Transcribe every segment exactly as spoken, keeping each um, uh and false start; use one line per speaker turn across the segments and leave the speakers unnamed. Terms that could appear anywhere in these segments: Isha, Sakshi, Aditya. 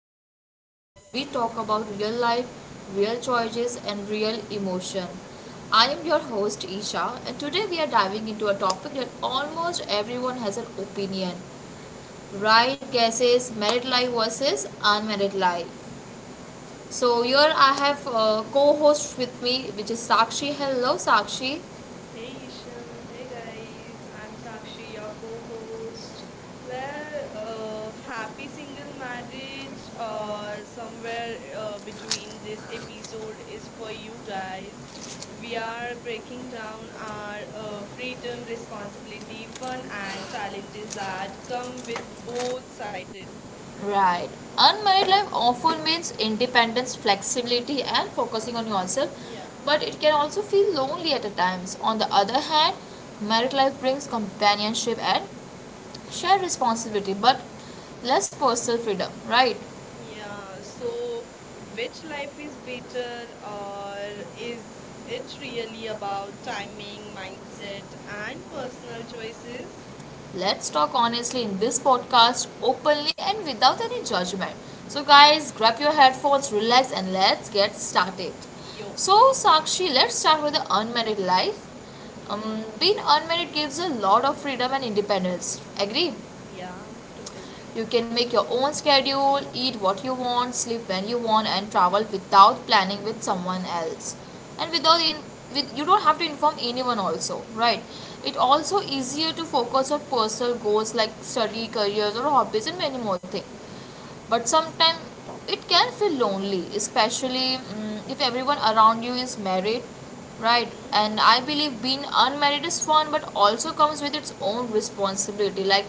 to our podcast where we talk about real life, real choices, and real emotion. I am your host, Isha, and today we are diving into a topic that almost everyone has an opinion right guesses, married life versus unmarried life. So, here I have uh, co host with me, which is Sakshi. Hello, Sakshi.
Hey Isha, hey guys, I'm Sakshi, your co host. Where uh, happy single marriage or somewhere uh, between, this episode is for you guys. We are breaking down our uh, freedom, responsibility, fun, and challenges that come with both sided.
Right. Unmarried life often means independence, flexibility, and focusing on yourself,
Yeah.
but it can also feel lonely at times. On the other hand, married life brings companionship and shared responsibility, but less personal freedom, right?
Yeah, so which life is better, or is it really about timing, mindset, and personal choices?
Let's talk honestly in this podcast, openly and without any judgment. So, guys, grab your headphones, relax, and let's get started.
Yo,
So, Sakshi, let's start with the unmarried life.
okay,
Um, being unmarried gives a lot of freedom and independence. Agree?
yeah, totally.
You can make your own schedule, eat what you want, sleep when you want, and travel without planning with someone else. And without in with you don't have to inform anyone also, right? It also easier to focus on personal goals like study, careers, or hobbies, and many more things, but sometimes it can feel lonely, especially mm, if everyone around you is married, right?
Hmm.
And I believe being unmarried is fun but also comes with its own responsibility, like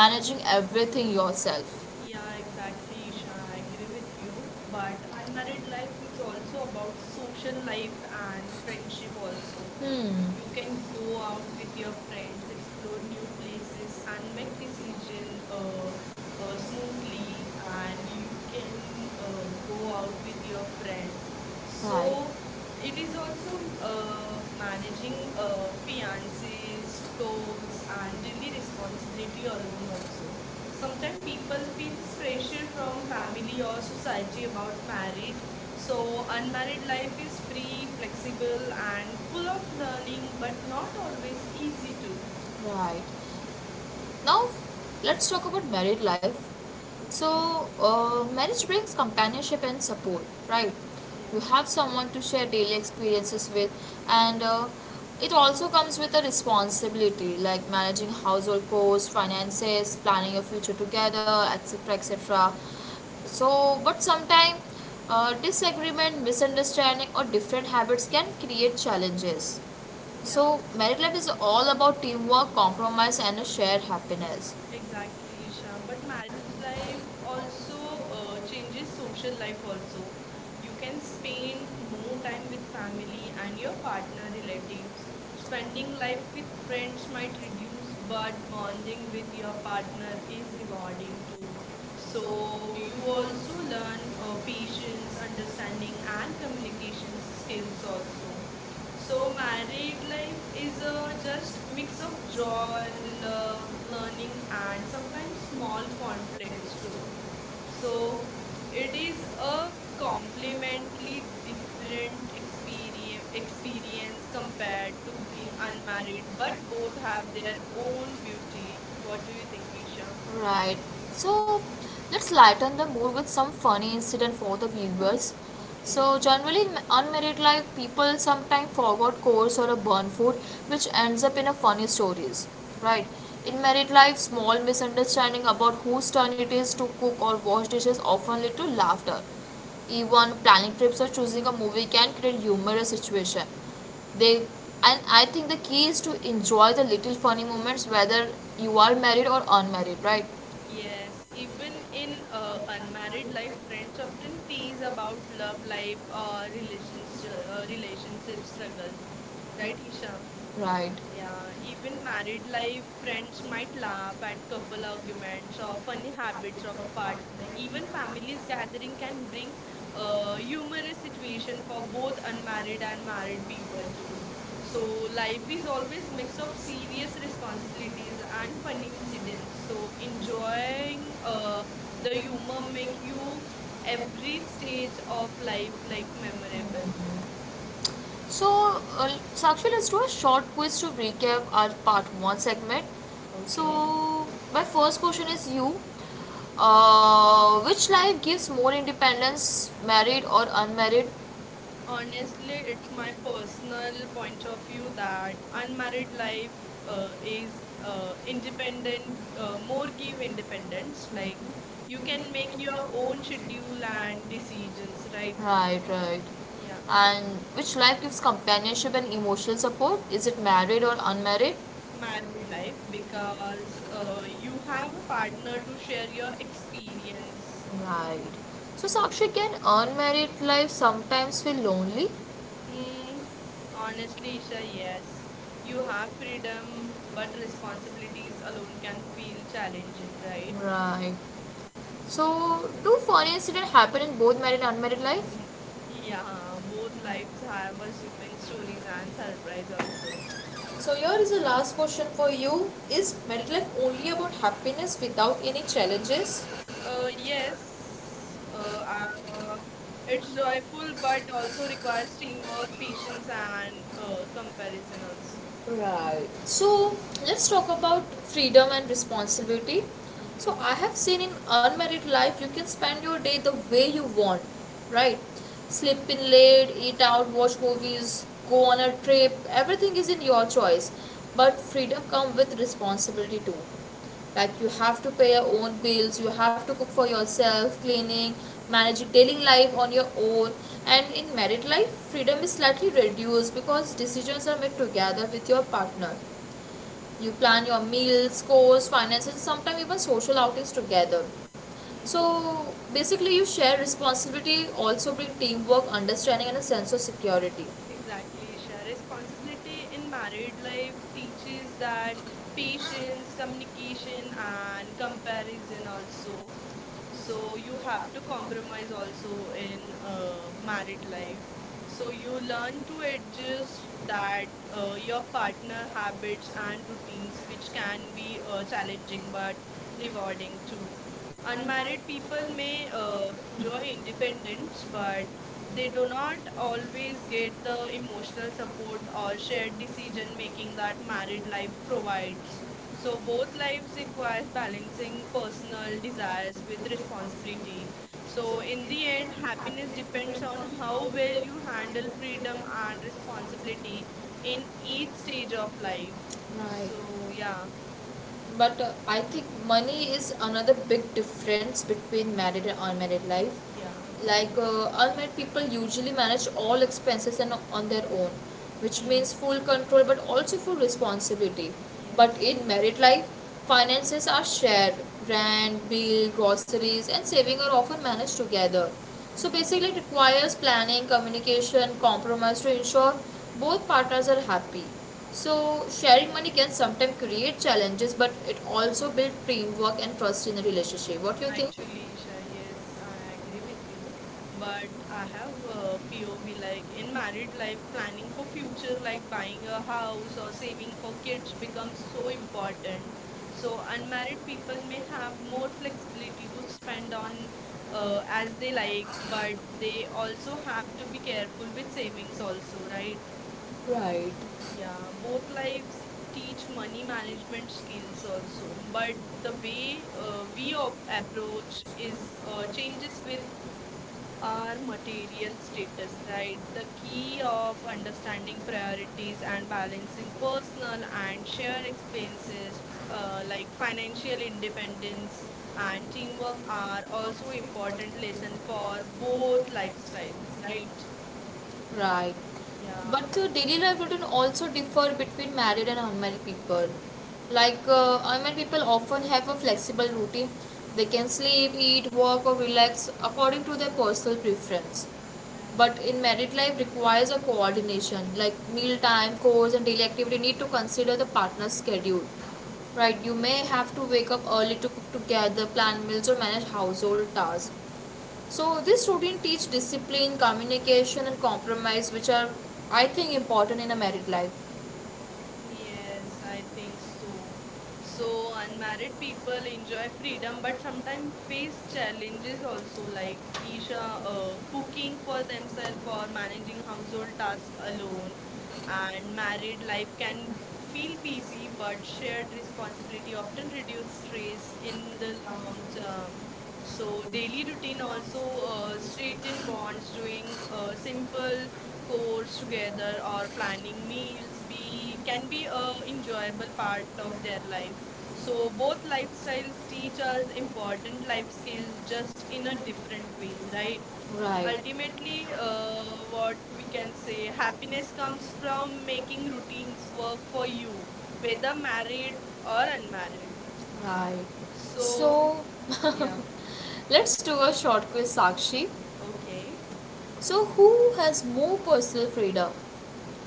managing everything yourself.
Yeah, exactly, Isha. I agree with you.
But my
But
primary
married
life
life
is
is
also
also about
about
social
social life
life and
and
friendship,
friendship also.
also.
Hmm.
You
You can
can
go
go
out
out
with
with your
your friends,
friends, explore
explore
new
new places,
places,
and
and make
make this
decision
season a,
uh,
a
uh,
smoothie
smoothly.
and
And you can
you can
uh,
uh, go
go
out
out with
with
your
your
friend.
friends. Right. So
So it is
is also
also uh,
uh, managing
managing
uh,
uh,
fiancés,
fiances, co
stores, and
and daily
maybe
responsibility
responsibility
alone
alone also.
also.
Sometimes
Sometimes people
people feel
feels
pressure
pressure
from
from
family
family
or
or society
society
about
about
marriage.
married. So
So unmarried
unmarried life
life
is
is
free,
free,
flexible,
flexible,
and
and
full
full
of
of
learning,
learning, but
but not
not
always
always easy
easy to.
to.
Right. Now, let's talk about married life.
Okay.
So, uh, marriage brings companionship and support, right?
Yeah.
You have someone to share daily experiences with, and uh, it also comes with a responsibility like managing household costs, finances, planning your future together, et cetera et cetera. So, but sometimes uh, disagreement, misunderstanding, or different habits can create challenges.
Yeah.
So, married life is all about teamwork, compromise, and a shared happiness.
Exactly, Isha. But marriage life also uh, changes social life also. You can spend more time with family and your partner relatives. Spending life with friends might reduce, but bonding with your partner is rewarding too.
So
So
you
you
also
also
learn
learn uh,
uh, patience,
patience, understanding,
understanding, and
and communication
communication skills
skills
also.
also.
So
So
married
married life
life
is
is a
a
just
just
mix
mix of
of
joy,
joy,
love,
love, learning,
learning,
and
and
sometimes
sometimes
small
small
conflicts.
conflicts
So
too.
so
So it
it is
is
a
a
complementary
completely different
experience
experience experience
of people
compared to
who
being
may unmarried
unmarried,
but
but both
don't have
have their
their own
own beauty. What
work.
do you think, Isha?
Right. So let's lighten the mood with some funny incident for the viewers. So
Okay.
generally in- on life, people sometimes forgot course or a burn food,
Hmm.
which ends up in a funny stories, right? In married life, small misunderstanding about whose turn it is to cook or wash dishes often lead to laughter. Even planning trips or choosing a movie can create humorous situation. They, and I think the key is to enjoy the little funny moments whether you are married or unmarried, right?
Yes, even in uh, unmarried life, friends often tease about love life or relations, uh, relationship struggles, right, Isha?
Right. Thank
Yeah, even married life, friends might laugh at couple arguments or funny habits of partner. Even families gathering can bring a humorous situation for both unmarried and married people too. So
so.
life is always mix of serious responsibilities and funny incidents. So
So enjoy
enjoying uh, the
uh,
humor make you every stage of life like
like.
memorable.
So, uh, Sakshi, let's do a short quiz to recap our part one segment. So,
Okay.
my first question is you. Uh, which life gives more independence, married or unmarried? और इसलिए
Honestly, it's
my
my
personal
personal
point
point of
of
view
view
that
unmarried
unmarried life
life
uh,
is
is uh,
independent
independent, uh, more
own
give
is independence
independence. Like
you
you
can
can make
make
your
your own
own schedule
schedule and
and
decisions
decisions, right?
Like. Right, right.
Yeah,
And which life gives companionship and emotional support? Is it married or unmarried?
married life because uh, you have a partner to share your experience.
Right. So,
Yeah.
Sakshi, can unmarried life sometimes feel lonely?
Mm, honestly, Isha, yes. You have freedom, but responsibilities alone can feel challenging, right?
Right. So, do funny incident happen in both married and unmarried life?
Yeah, both lives have assuming stories and surprise also.
So here is the last question for you. Is married life only about happiness without any challenges?
Uh, yes, uh, uh, it's joyful but also requires teamwork, patience, and uh, comparison also.
Right. So let's talk about freedom and responsibility. So
Okay.
I have seen in unmarried life you can spend your day the way you want, right? Sleep in late, eat out, watch movies, go on a trip, everything is in your choice. But freedom comes with responsibility too, like you have to pay your own bills, you have to cook for yourself, cleaning, managing daily life on your own. And in married life freedom is slightly reduced because decisions are made together with your partner. You plan your meals, course, finances, sometimes even social outings together. So
Hmm.
basically you share responsibility, also bring teamwork, understanding, and a sense of security, so
Exactly, Isha.
you
Responsibility in
will learn
married
to
life teaches that
administer
patience, communication, and comparison also. So you have to compromise also in uh, married life. So you learn to
that,
adjust that
uh,
uh, your
your partner
partner
at the
habits
time
and routines, which
is
can
challenged
be
or
uh,
challenging,
challenging
or
but
you
rewarding too.
are. And by
Unmarried people
even being
may
uh,
uh,
you
enjoy
know, independence,
independence,
but
but
they
they do
were not
not
always
always
give
get
the
the emotional
investors
support
support or
or
shared
shared
decision
decision
making
making
that
that married
Thailand
life
provides.
provides.
So
So
both
both
kinds
lives
require
requires
financial,
balancing
personal,
personal
and
desires
collaborative
with
responsibility.
responsibility.
So
So
in
in
the
the
end,
end, happiness
happiness depends
depends
on
on
how
how well
well you
you handle
handle freedom
freedom
and
and
responsibility
responsibility
in
in each
each
stage
stage of
of
life.
life.
Right. So,
So yeah,
yeah, but uh, I think money is another big difference between married and unmarried life.
yeah.
Like uh, unmarried people usually manage all expenses and on their own, which means
Hmm.
full control but also full responsibility.
Yes.
But in married life finances are shared. Rent, bill, groceries, and saving are often managed together. So
Yeah.
basically it requires planning, communication, compromise to ensure both partners are happy. So, sharing money can sometimes create challenges, but it also builds teamwork and trust in a relationship. What do you think?
Actually, Isha, yes, I agree with you. But I have uh, P O V like in married life, planning for future, like buying a house or saving for kids, becomes so important. So, unmarried people may have more flexibility to spend on uh, as they like, but they also have to be careful with savings, also, right?
Right.
Yeah, both lives teach money management skills also, but the way uh, we op- approach is uh, changes with our material status, right? The key of understanding priorities and balancing personal and shared expenses, uh, like financial independence and teamwork, are also important lesson for both lifestyles, right?
Right.
Yeah,
But the daily life routine also differ between married and unmarried people. Like uh, unmarried people often have a flexible routine. They can sleep, eat, work, or relax according to their personal preference.
yeah.
But in married life requires a coordination. Like meal time, chores, and daily activity need to consider the partner's schedule. Right? You may have to wake up early to cook together, plan meals, or manage household tasks. So this routine teach discipline, communication, and compromise, which are I think important in a married life.
Yes,
So
I think so. So, unmarried people enjoy freedom but sometimes face challenges also, like Isha uh, cooking for themselves or managing household tasks alone. And married life can feel busy, but shared responsibility often reduce stress in the long term. So,
they hear
daily routine
it also
also uh,
uh,
straighten
strictly or
bonds, doing uh,
simple
simple chores
codes
together or
where.
planning meals be can be a enjoyable part of their life. So both
So
lifestyles teach us important life skills just in a different ways, right?
right? Right. Uh,
Ultimately, uh, what we
what can
can
say
say, happiness
happiness
comes
comes from
from making
making things
routines
work
work for
for you,
you, whether
whether happy
married or
or
unmarried.
unhappy. Right.
So,
So, so
yeah,
let's do a short quiz, Sakshi.
okay.
So, who has more personal freedom?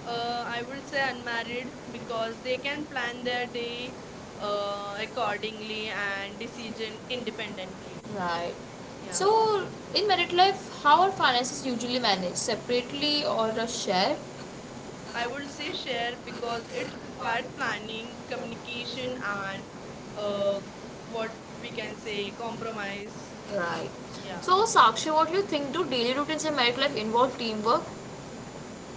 Uh, I would say unmarried because they can plan their day uh, accordingly and decision independently.
Right.
Yeah.
So, in married life, how are finances usually managed? Separately or shared?
I would say share because it requires planning, communication, and uh, what we can say compromise.
Right.
Yeah.
So, Sakshi, what do you think? Do daily routines in married life involve teamwork?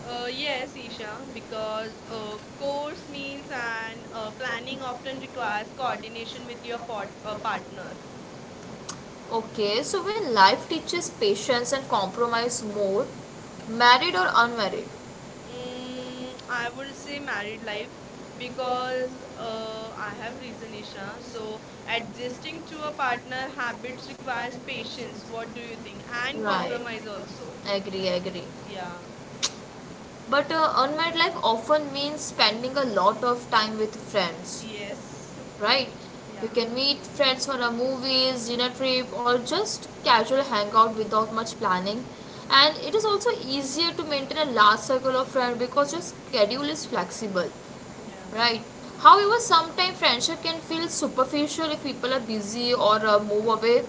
Uh, yes, Isha, because uh, course meals and uh, planning often requires coordination with your pot- uh, partner.
Okay, so when life teaches patience and compromise more, married or unmarried?
Mm,
Mm,
I would say married life because
uh,
uh, I have reason, Isha. So
So
adjusting to a partner habits requires patience. What do you think? And
right.
compromise also.
Agree, agree. Yeah.
Yeah.
But uh, unmarried life often means spending a lot of time with friends,
Yes.
yes, right?
Yeah.
You can meet friends for a movies, dinner trip, or just casual hangout without much planning. And it is also easier to maintain a large circle of friends because your schedule is flexible,
Yeah.
right? However, sometimes friendship can feel superficial if people are busy or uh, move away.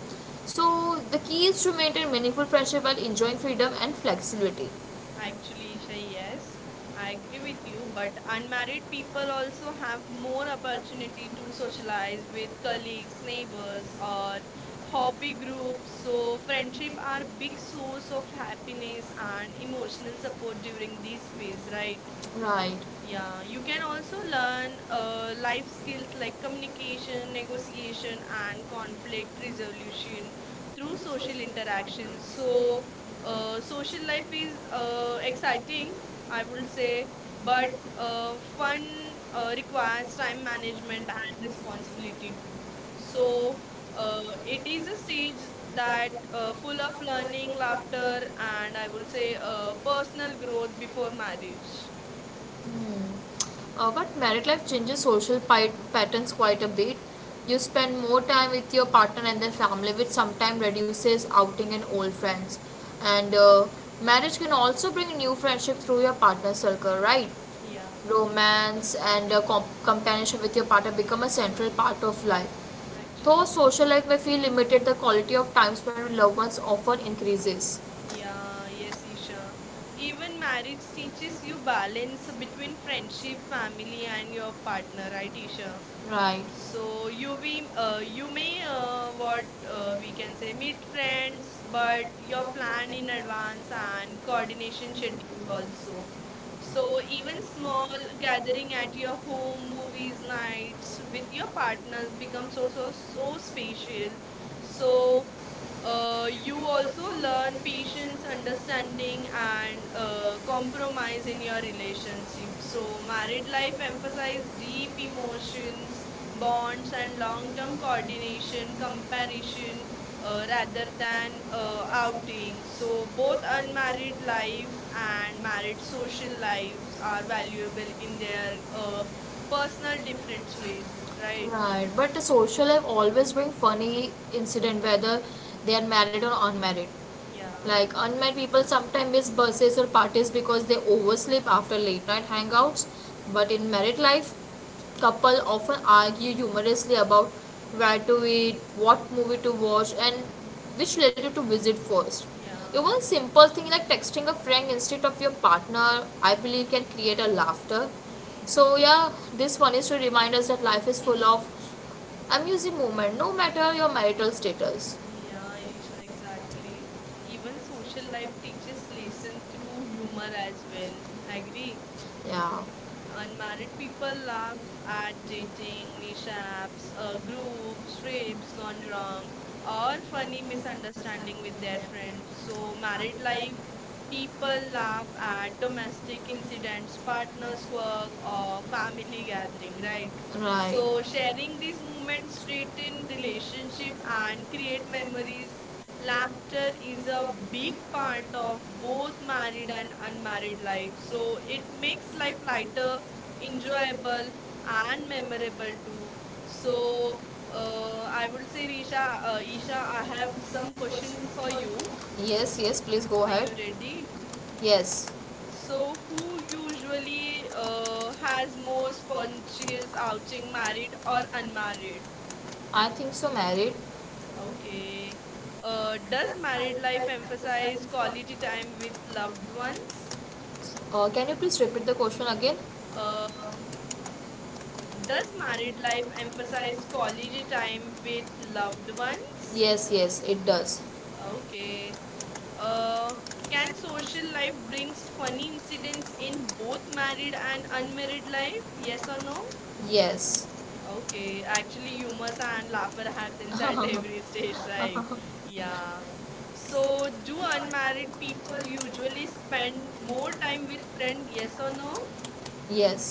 So the key is to maintain meaningful friendship while enjoying freedom and flexibility.
Actually, Isha, yes, I agree with you, but unmarried people also have more opportunity to socialize with colleagues, neighbors, or hobby groups. So, friendship are big source of happiness and emotional support during these phase, right?
Right. Yeah.
Yeah, you
You
can
can
also
also learn
learn
uh,
uh,
that
life skills
skills like
like
communication,
communication,
negotiation,
negotiation,
and
and conflict
personal
resolution through social interactions. So, uh, social life is uh, exciting, I would say, but uh, fun uh, requires time management and responsibility too. So, uh, it is a stage that uh, full of learning,
growth
laughter, and I would say uh, personal growth before
before
marriage.
marriage. Hmm. Uh, but married life changes social patterns quite a bit. You spend more time with your partner and their family, which sometimes reduces outing and old friends. And uh, marriage can also bring new friendship through your partner circle, right?
Yeah.
Romance and uh, com- companionship with your partner become a central part of life. Though
Actually,
social life may feel limited, the quality of time spent with loved ones often increases,
yeah, yes, Isha. Even marriage teaches you balance between friendship, family, and your partner, right, Isha?
right. So
So
you
you
make,
we
uh,
uh, you
you make
may
your own
uh,
what
what uh,
uh,
we
we
can
can
say
say with
meet
parents,
friends,
but
but you're
your
planned
family
in
members
advance
are
and coordination
politicians
schedule
and also.
also.
So
So even
even small
small
and traveling
gathering
at
at your
your home,
home,
movies,
movies
and
nights with
with
your
your partner
partners become
becomes
so
also
so
so
so
special. So
special. So
so uh,
uh,
you
you
also
also
learn
learn
patience,
patience,
understanding,
understanding,
and
and
uh,
uh, compromise
compromising
in your
your
relationship.
relationship. So
So married
married life
life emphasizes
emphasizes
deep
deep emotions,
emotions bonds
bonds, and
and long term
long-term coordination,
coordination,
companionship,
comparison uh,
uh,
rather than
natin
uh,
uh, outing.
outing.
So
So, both
both our value
unmarried
life
life
and
and
married
married social
social life
lives are
are
valuable
valuable in
in
their
their uh,
uh,
personal
personal
different
reflections.
ways, right?
Right, right, but the social life always bring funny incident whether they are married or unmarried. Yeah.
Yeah,
Like unmarried people sometimes miss buses or parties because they oversleep after late night hangouts. But in married life, couple often argue humorously about where to eat, what movie to watch, and which relative to visit first.
yeah.
Even simple thing like texting a friend instead of your partner, I believe, can create a laughter.
Hmm.
So yeah, this one is to remind us that life is full of amusing moment, no matter your marital status.
Yeah, Isha, exactly. Even social life teaches lesson through humor as well. Agree?
Yeah,
Unmarried people laugh at dating, mishaps, uh, groups, trips gone wrong, or funny misunderstanding with their friends. So, married life, people laugh at domestic incidents, partners' quirk, or family gathering, right?
right.
So,
So, sharing
sharing these
these
moments
movements
straighten relationship
relationship and
and create memories.
created
Laughter
language is
is a
a
big
big part
part
of
of
both
both married
married
and
and
unmarried
unmarried
life.
life. So
So it
it makes
makes
that
life
title
lighter,
enjoyable
enjoyable, and
and
memorable
memorable.
too.
So uh,
So uh, I
I
would
would say,
say,
Isha,
Risha, uh,
uh,
Isha,
Isha,
I
Adam,
have some
some questions
questions for
for
you.
you. Yes, yes, please go
Are
ahead.
you ready?
Yes. So,
So who usually uh,
uh,
has more spontaneous outing, married
or
or
unmarried?
unmarried?
I think so, married. Okay.
Okay. Uh,
Does
does married
marriage life
life emphasize
emphasize quality
quality
time
time with
with
loved
loved
ones?
ones? Uh, can you please repeat the question again? The
Uh,
I
does married
will
life
emphasize
emphasize
quality
quality
time
time with
with
loved
loved ones.
ones?
Yes, yes, it does. Okay.
Okay.
Uh,
Uh,
Can
can social
question by
life brings
brings
funny incidents
coincidence in
in both
both
married and
man and unmet
unmarried
man?
life? Yes or no?
Yes or no? Yes.
Okay,
Okay. And
actually, humor
three
and
numbers
laughter happens
are
at
laughter
every stage, right? Yeah.
so
So,
who
do
are kind
unmarried people
people
usually
you spend
spend more
more time
time with
with than
friends, yes
yes
or
or no?
no?
Yes.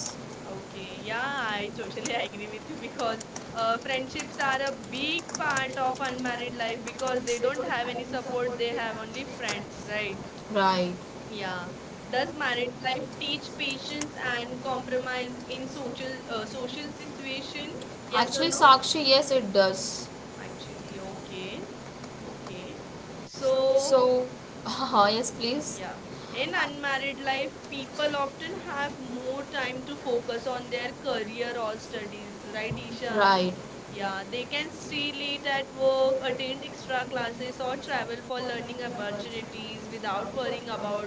Okay,
Okay.
yeah,
Yeah, I
I totally
agree
agree with you because
because uh,
uh, friendships
friendships
are
are
a
a big
big part
part of
of unmarried
unmarried life
life because
because
they
they
don't
don't
have
have
any
any support,
support, they
they
have
have
only
big friends,
friends, right?
right? Right. Yeah.
Yeah.
That
Does married
married
life
life
teach
teaches
patience
patience and
and
compromise
compromise in
in
social
social uh,
uh, social
social situation.
situation? Yes or
Actually,
no?
Sakshi, yes, it does.
Actually, okay. Okay. So
So, So, uh, yes, please.
yeah, in
Yeah, in unmarried
unmarried
life,
life
people
people often
often
have
have
more
more time
time to
to
focus
focus on
on their
their
career
career
or
also,
studies,
right?
right, Isha?
Isha? Right, yeah,
Yeah, they
they can
can stay
street
late
meet and
at work,
promote
attend
continuous
extra classes, or
from travel
travel for
for
learning
learning opportunities
opportunities
without
without worrying
worrying about
about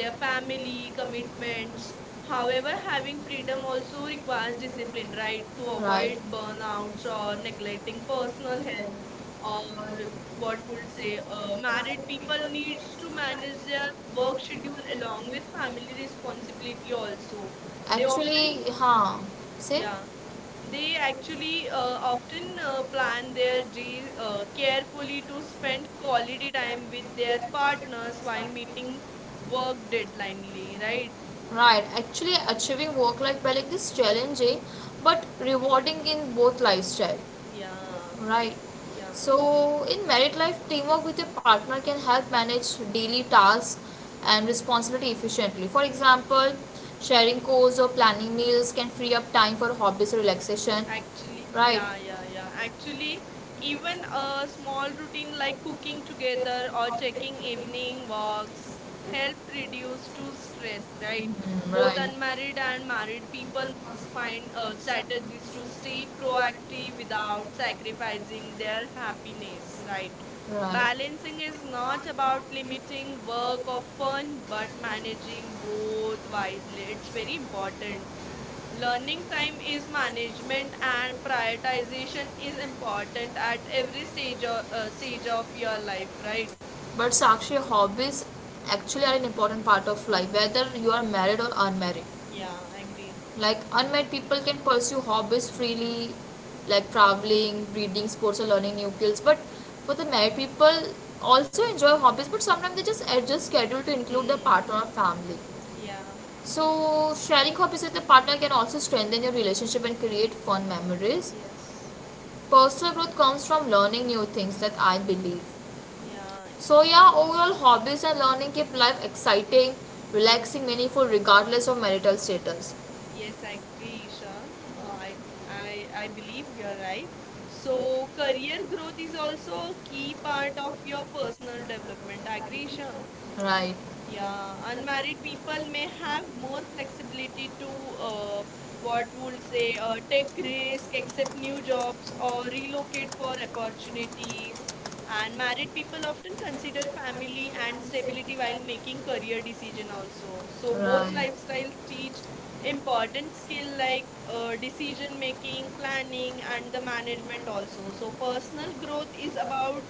their
family
family
commitments.
commitments. However,
However,
having
having freedom
freedom
also
also requires
requires
discipline,
discipline,
right, to
like right.
avoid burnouts
Burnouts or
or neglecting
neglecting personal
personal.
health
Or
or
what
what
would
would say,
say uh,
uh,
married people
people needs
needs to
to manage
manage
their
their work
work
schedule
schedule along
along with
with
family
family
responsibility
responsibility also.
also. They often
Actually हाँ, see. Yeah,
Yeah, they
they actually
actually uh,
uh, often
often
uh,
uh,
plan
plan
their
their
days
day uh,
uh,
carefully
carefully
to
to spend
spend quality
quality time
time with
with
their
their
partners
partners
while
while
meeting
meeting work
work deadline,
deadlines, right?
right?
Right, actually achieving work life balance is challenging but rewarding in both lifestyle.
Yeah,
Right.
yeah.
So, in married life, teamwork with your partner can help manage daily tasks and responsibility efficiently. For example, sharing chores or planning meals can free up time for hobbies or relaxation.
Actually,
Right.
yeah, yeah, yeah. Actually, even a small routine like cooking together or checking evening walks help reduce to stress, right?
Mm, mm,
Both
right.
unmarried and married people find uh, strategies to stay proactive without sacrificing their happiness, right?
Right. But
Balancing is
the
not about limiting work or fun, but managing both wisely. It's very important. Learning time is
like
management and prioritization is important at every stage of, uh, stage of your life, right?
right? But Sakshi, hobbies actually are an important part of life, whether you are married or unmarried.
Yeah,
Yeah,
I agree.
like unmarried people can pursue hobbies freely like traveling reading sports or learning new skills but for the married people also enjoy hobbies but sometimes they just adjust schedule to include their
Hmm.
partner or family,
Yeah.
so sharing hobbies with the partner can also strengthen your relationship and create fun memories.
Yes.
Personal growth comes from learning new things, that I believe.
Yeah,
So yeah, overall hobbies and learning keep life exciting, relaxing, meaningful regardless of marital status.
yes, I agree, Isha. Uh, I, I, I believe you're right. So, career growth is also a key part of your personal development. Agree, Isha?
Right.
Yeah, unmarried people may have more flexibility to uh, what
What
would
would they,
say uh,
uh, if
take
they do
risk,
mistakes
accept
that they
new jobs,
uh,
or
already know
relocate
it for
for
and what
opportunities. And married people often consider family and stability while making career decision also. So both
right.
lifestyles teach important skill like uh, decision making, planning, and the management also. So personal growth is about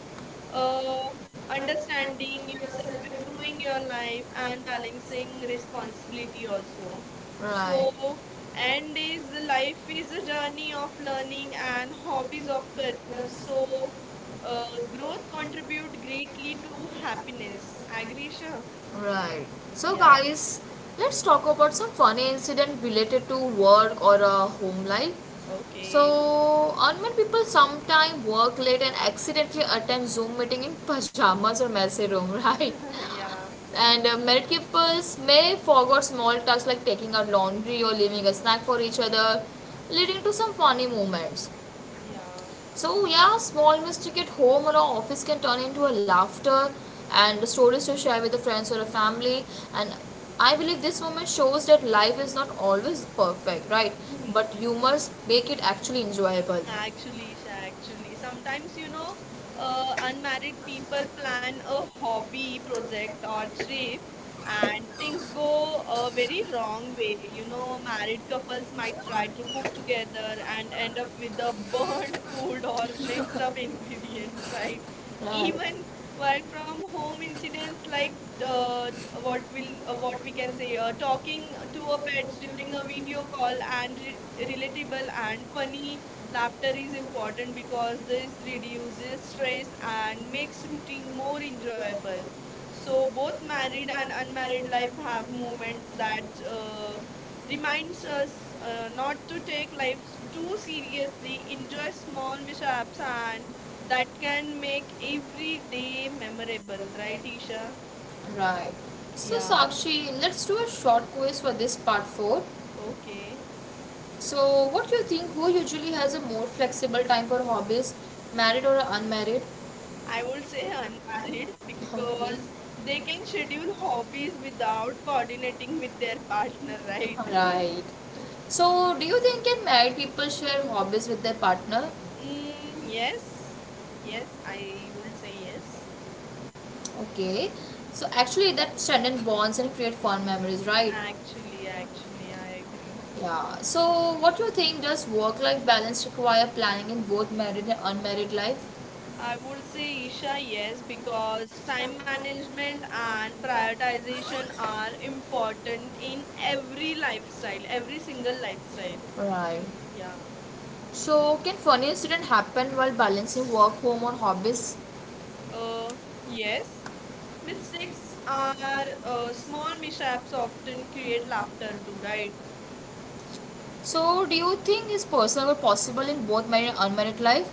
uh,
Understand
understanding
continue yourself
yourself,
and doing
improving your
your time
life,
and
and
balancing
balancing
the responsibility
responsibility
of
also.
your right.
So,
So,
and
everything in
is
the life
life is
is
a
a
journey
journey of
of
learning
learning
and
and hobbies
hobbies of
of career.
pleasure. So
So,
uh,
uh,
work
growth
contribute
contribute
greatly
greatly to
to happiness
happiness.
and
Agree, Sure.
peace. Right. So,
Yeah.
guys, let's talk about some funny incident related to work or a home life.
Okay.
So, unmet people sometimes work late and accidentally attend Zoom meeting in pajamas or messy room, right?
Yeah.
And uh, married couples may forget small tasks like taking out laundry or leaving a snack for each other, leading to some funny moments.
Yeah.
So, yeah, small mistake at home or office can turn into a laughter and stories to share with the friends or a family. And I believe this moment shows that life is not always perfect, right? But you must make it actually enjoyable.
Actually, Isha, actually, sometimes you know, uh, unmarried people plan a hobby project or trip, and things go a very wrong way. You know, married couples might try to cook together and end up with the burnt food or mixed up ingredients, right? Even work from home incidents like uh, what will uh, what we can say uh, talking to a
Right,
pets during a video
video call
call
and
and re-
visible
relatable
and
and
quirky.
funny. Laughter is
Baptism
important
warrant for
because this
this reduces
reduces
stress
stress
and
and
makes
makes
you
routine
more
more enjoyable.
enjoyable. So
So both
both
married
married and
and unmarried
unmarried
life
life have
have moments
moments that
that uh,
uh,
reminds
reminds us
us
uh,
uh, not
not
to
to take
take
life
life
too
too
seriously.
seriously.
It
Enjoy
just
small
not without
mishaps
time
and
that
that
can
can
make
make every
everything
day
memorable,
memorable, right,
right?
Isha?
Right. So,
Yeah.
Sakshi, let's do a short quiz for this part four.
Okay.
So, what do you think? Who usually has a more flexible time for hobbies, married or unmarried? I
I would
would say
say unmarried
unmarried. Okay.
because
Because they
they can schedule
change hobbies
hobbies without
without
coordinating
coordinating
with
with
their
their
partner, right?
partner, right. Right. So, do you think can married people share hobbies with their partner?
Mm,
Mm, yes.
yes,
Yes,
yes,
I would say
I would say
yes.
yes.
Okay, so actually that strengthen bonds and create fond memories, right?
Actually, actually, I agree.
Yeah. So, what do you think does work-life balance require planning in both married and unmarried life? I
I
would
would
say,
say
Usha,
Isha,
yes,
yes,
because
because
time
time
management,
management
our
and prioritization
prioritization,
are
our important
important
in
in
every
every
mindset,
lifestyle, every
every
single
single
lifestyle.
mindset. Right.
Yeah.
So, can funny incident happen while balancing work, home, or hobbies?
Uh,
Yes,
yes. Mistakes
uh,
are uh, small mishaps often create laughter too,
right?
right?
So, do you think is personal but possible in both married and unmarried life?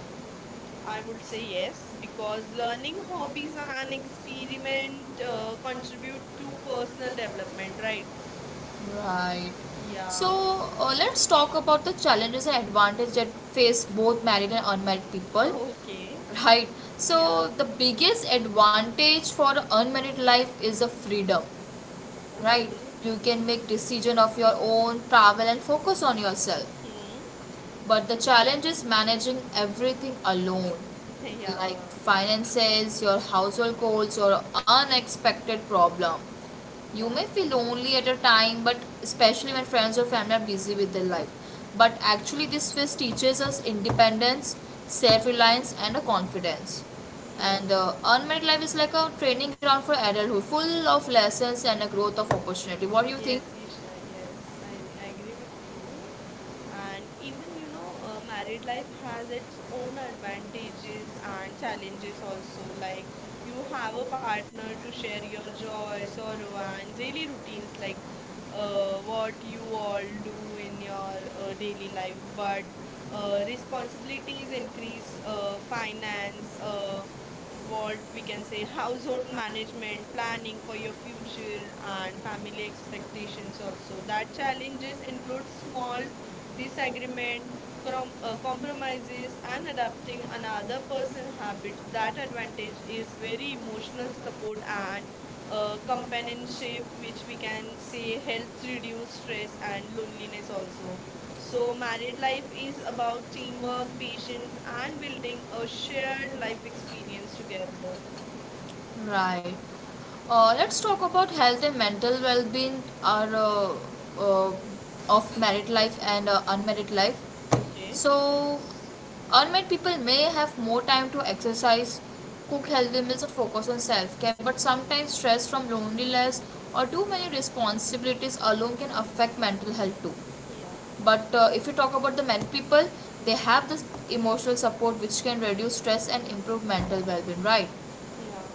I would say yes because learning hobbies and experiment uh, contribute to personal development, right?
Right.
Yeah.
So uh, let's talk about the challenges and advantages that face both married and unmarried people.
Okay.
Right.
Yeah.
So the biggest advantage for unmarried life is the freedom. Right.
Okay.
You can make decision of your own, travel and focus on yourself.
Hmm.
But the challenge is managing everything alone, like
Yeah.
finances, your household goals, your unexpected problem. You may
Yeah.
feel lonely at a time, but especially when friends or family are busy with their life. But actually, this phase teaches us independence, self reliance, and a confidence.
Yeah.
And uh, unmarried life is like a training ground for adulthood, full of lessons and a growth of opportunity. What do you think?
Yes, Isha. Yes, I, I agree with you. And even you know uh, married life has its own advantages and challenges also, like you have a partner to share your joy, sorrow and daily routines, like uh, what you all do in your uh, daily life. But uh, responsibilities increase, uh, finance, uh, what we can say, household
Council
management,
management, that,
planning for your future
which,
and
um, so
family
I would
expectations also. That challenges include small disagreement, crom- uh, compromises and adapting another person habits. That advantage is very emotional support and uh, companionship, which we can say helps reduce stress and loneliness also. So, married
like
life is
things about
about teamwork,
teamwork,
patience,
patience, and I
and
think they
building a
for sharing
shared
their
life experience
experience
together.
together. Right. Uh, let's talk about health and mental well-being are uh, uh, of married life and uh, unmarried life.
Okay.
So, unmarried people may have more time to exercise, cook healthy meals, or focus on self-care. But sometimes stress from loneliness or too many responsibilities alone can affect mental health too.
Yeah.
But uh, if you talk about the married people, they have this emotional support which can reduce stress and improve mental well-being. Right,
Yeah.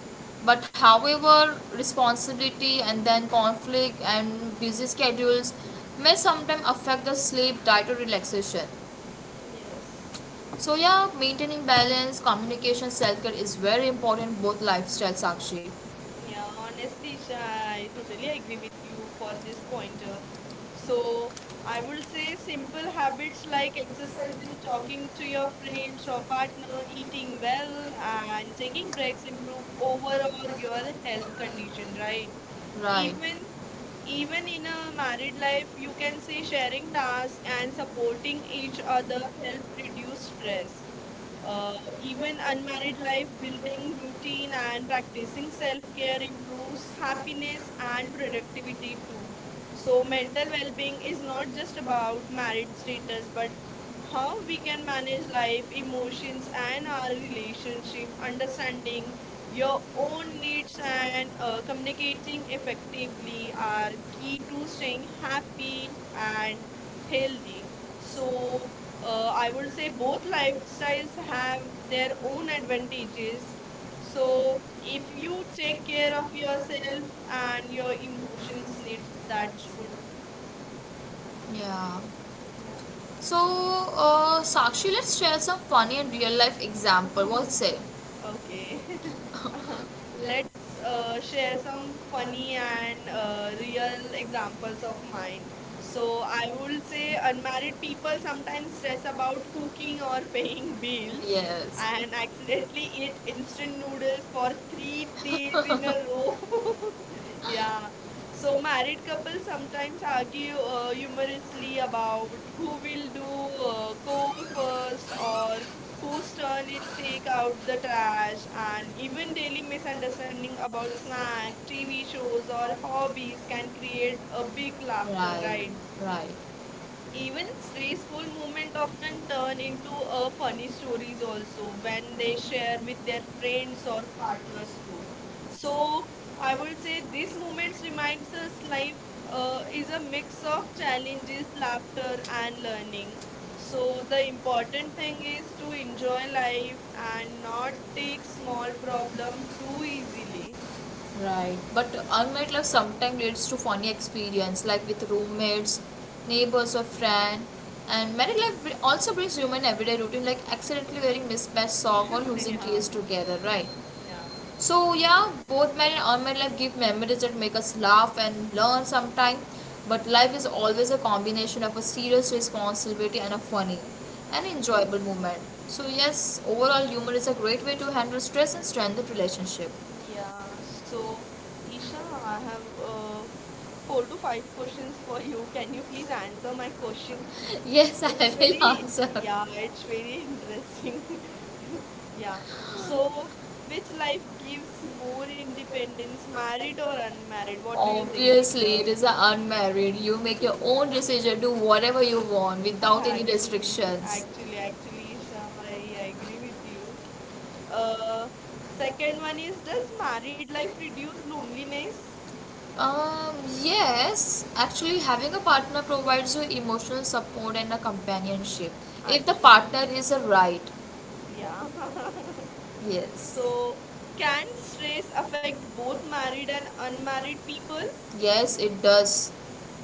but however responsibility and then conflict and busy schedules may sometimes affect the sleep diet or relaxation,
Yes.
so yeah, maintaining balance, communication, self-care is very important both lifestyle, Sakshi.
Yeah. Honestly, Isha, I totally agree with you for this pointer. So, I will say simple habits like exercising, talking to your friends or partner, eating well, and taking breaks improve overall your health condition, right?
Right,
Even, even in a married life, you can say
and
sharing
the body is
tasks and supporting each
a
other
good
help
and good
reduce
strength.
stress.
Uh,
Uh,
even
even
unlike
unmarried
by
life,
building
building
routine
routine
and
and
practicing
practicing self
self-care
care
improves
improves
happiness
happiness
and
and
productivity.
productivity too.
So
So,
mental
mental well being
health is
is
not
not
just
just
about
about
mind
married
changes,
status, but
but how
how
we
we
can
can
manage
manage
life,
life,
emotions,
emotions,
and
and our
our
relationship,
relationship, understand like
understanding
your
your
own
own needs
needs and
and
uh,
uh, communicating
completely effectively
effectively
are
are key
people
to
saying
staying
happy
happy and
and fit.
healthy.
So
So, uh,
uh, I
I
will
would
say
say
both
both
lifestyles
lifestyles
have
have
their
their
own
own
advantages.
advantages.
So
So,
if
if
you
you
take
take
care
care
of
of
yourself
yourself
and
and
your
your
emotions
emotions needs,
with
that's good.
that. Yeah.
Yeah.
So, uh, Sakshi, let's share some funny and real life example. What's say? Okay,
Okay. Uh,
let's
let's
uh,
uh,
share
share
some
some
fun
funny
and
and
uh,
uh,
real
real
examples
examples of
of mine.
mine.
So
So,
I
I will
would say
say
the
unmarried
unmarried
people
people sometimes
sometimes
stress
stress
about
about
cooking
cooking
or
or
bake
paying
cooking.
bills
Yes. And
and
I'm
accidentally
in
eat instant
institute
noodles for
for three
three days in a row.
no. So
Yeah. So, married couples sometimes argue uh, humorously about
uh,
who will do uh, chores first, or whose turn it take out the trash, and even daily misunderstanding about snack tv shows or hobbies can create a big laughter,
right,
right?
right.
Even
Even space
stressful
for the
moments often
government uh,
turn
they
into
do
uh,
up five
funny
stories
stories
also,
also
and
when they share with
with their
their
parents
friends
or
or
partners.
partners too.
So
So,
I
I would say
this
these
moment
moments
reminds
reminds us
like
life uh,
uh,
is
is
a
a
mix
mix
of
of challenges,
challenges, laughter and
and
learning.
so the
So the
important
important
thing
thing
is
is
to
to enjoy
enjoy life
life
and
and not take
not small
small problem
problems too
too easily.
easily. Right. But unmet love sometimes leads to funny experience like with roommates, neighbors or friend. And married life br- also brings human everyday routine like accidentally wearing mismatched sock or losing
Yeah,
keys together, right?
yeah.
So yeah, both married and unmarried life give memories that make us laugh and learn sometime. But life is always a combination of a serious responsibility and a funny and enjoyable
Yes.
moment. So yes, overall humor is a great way to handle stress and strengthen relationship.
Yeah, so Isha, I have uh, four to five questions for you. Can you please answer my question?
Yes,
It's
I will
very,
answer.
yeah, it's very interesting. Yeah. So, which life gives more independence, married or unmarried? What do you think,
Obviously,
Isha?
it is a unmarried. You make your own decision, do whatever you want without any
Actually,
restrictions.
actually, actually, Isha, I, I agree with you. Uh, second one is, does married life reduce loneliness?
Um, yes, actually, having a partner provides you emotional support and a companionship if the
Actually.
partner is a right.
Yeah.
Yes.
So, can stress affect both married and unmarried people?
Yes, it does.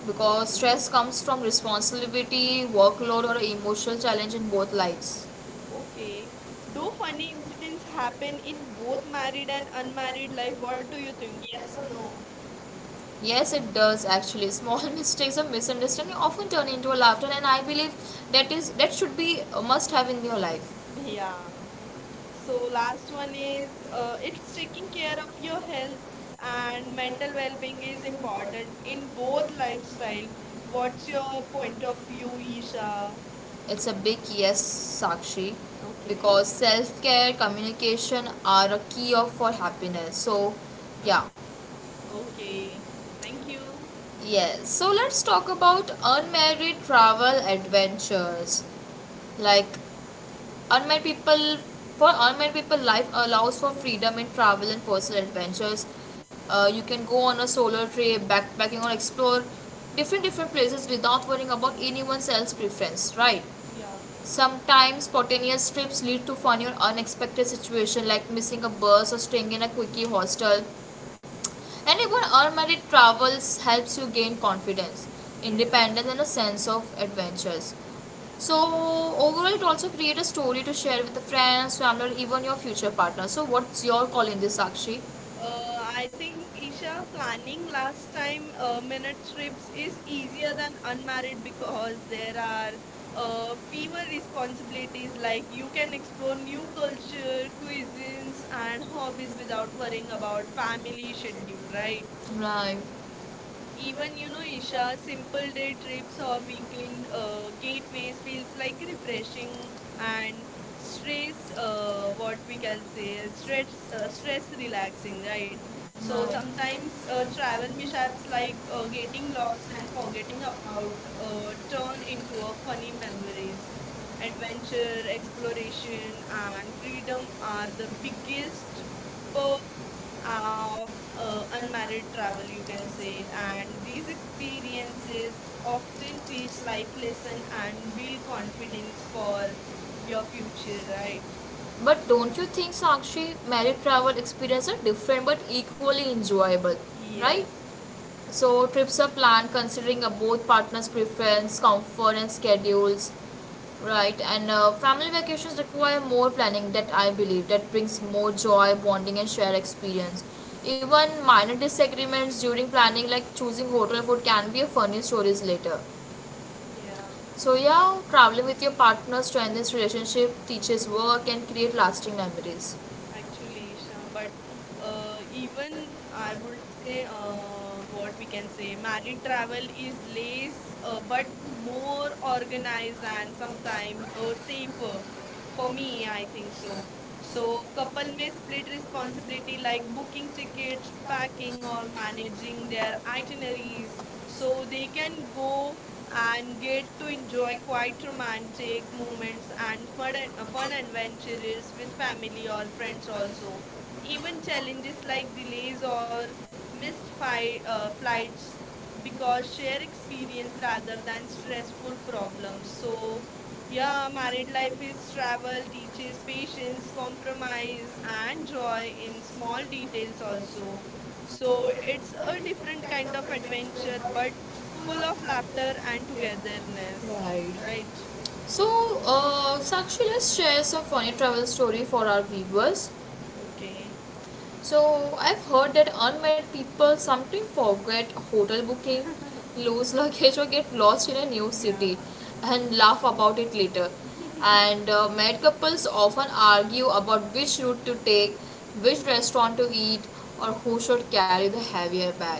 Because
Okay,
stress comes from responsibility, workload, or emotional challenge in both lives.
okay. Do funny
No.
incidents happen in both married and unmarried life? What do you think? Yes
Yes
or
no?
no?
Yes, it does actually. Small mistakes or misunderstanding often turn into a laughter, and I believe that is that should be a must have in your life. Yeah.
Yeah.
So
So,
that's
last one
always
is uh,
uh,
it's
it's
taking
taking
care
care of
of your
your health
health
and
and mental
mental
well being
well-being
is
is
important
important in
in both
both lifestyle.
lifestyle. What's
What's your
your
point
point of
of
view,
view,
Isha?
Isha? It's a big yes, Sakshi,
Okay.
because self care, communication are a key of for happiness. So, yeah.
Okay, thank you.
Yes, so let's talk about unmarried travel adventures. Like unmarried people, for unmarried people, life allows for freedom in travel and personal adventures. Uh, you can go on a solo trip, backpacking, or explore different different places without worrying about anyone else's preference, right?
Yeah.
Sometimes spontaneous trips lead to funny or unexpected situations, like missing a bus or staying in a quickie hostel. Anyone unmarried travels helps you gain confidence,
Yes,
independence, and a sense of adventures.
yeah.
So overall, it also create a story to share with the friends, family, or even your future partner. So what's your call in this, Sakshi?
Uh, I think Isha planning last time uh, minute trips is easier than unmarried because there are uh, fewer responsibilities, like you can explore new culture, cuisines and hobbies without worrying about family schedule,
Right,
right?
even you know,
Even, you know,
in sharp
Isha,
people
simple
could
day trips
quits
or
or
weekend
between uh,
uh,
it
gateways
makes
feels
it
like
like
refreshing
and
and stress,
strips of
uh, what
what
we
we
can
consider
say, stress,
strips uh,
uh,
strip
stress
relaxing.
relaxing,
I
right?
mean. So
So
right. It prevents
sometimes uh,
uh,
travel
challenge acts
mishaps
like
like
uh,
uh,
getting
getting
lost
lost
and
and
forgetting
forgetting
about
about
uh,
uh, turn
talking,
into a
about
funny memories.
adventure,
Adventure,
exploration,
exploration,
uh,
and
freedom,
freedom
uh,
are the
the biggest
biggest
hope uh,
of uh,
uh, and
unmarried travel,
my
you can say. And these experiences often teach life lesson
like
and build confidence for your future,
right?
right?
But don't you think, Sakshi, married travel experiences are different but equally enjoyable, right?
Yes.
So trips are planned considering uh, both partners' preference, comfort, and schedules, right? And uh, family vacations require more planning. That I believe that brings more joy, bonding, and shared experience. Even minor disagreements during planning, like choosing hotel food, can be a funny stories later.
Yeah.
So yeah, traveling with your partner strengthens relationship, teaches work, and create lasting memories.
Actually, Isha, but uh, even I would say uh, what we can say, married travel is less uh, but more organized and sometimes uh, safer. For me, I think so. So couple may split responsibility like booking tickets, packing, or managing their itineraries, so they can go and get to enjoy quite romantic moments and fun, uh, fun
Thank you.
adventures with family or friends also. Even challenges like delays or missed fi- uh, flights because share experience rather than stressful problems. So, yeah, married life is travel, teaches patience, compromise, and joy in small details also. So, it's
So
a different kind of adventure, but full of laughter and togetherness,
right. Like,
right?
so, uh, Sakshi, let's share some funny travel story for our viewers.
Okay.
So, I've heard that unmet people sometimes forget hotel booking, lose luggage, or get lost in a new city
Yeah.
and laugh about it later. And uh, married couples often argue about which route to take, which restaurant to eat, or who should carry the heavier bag.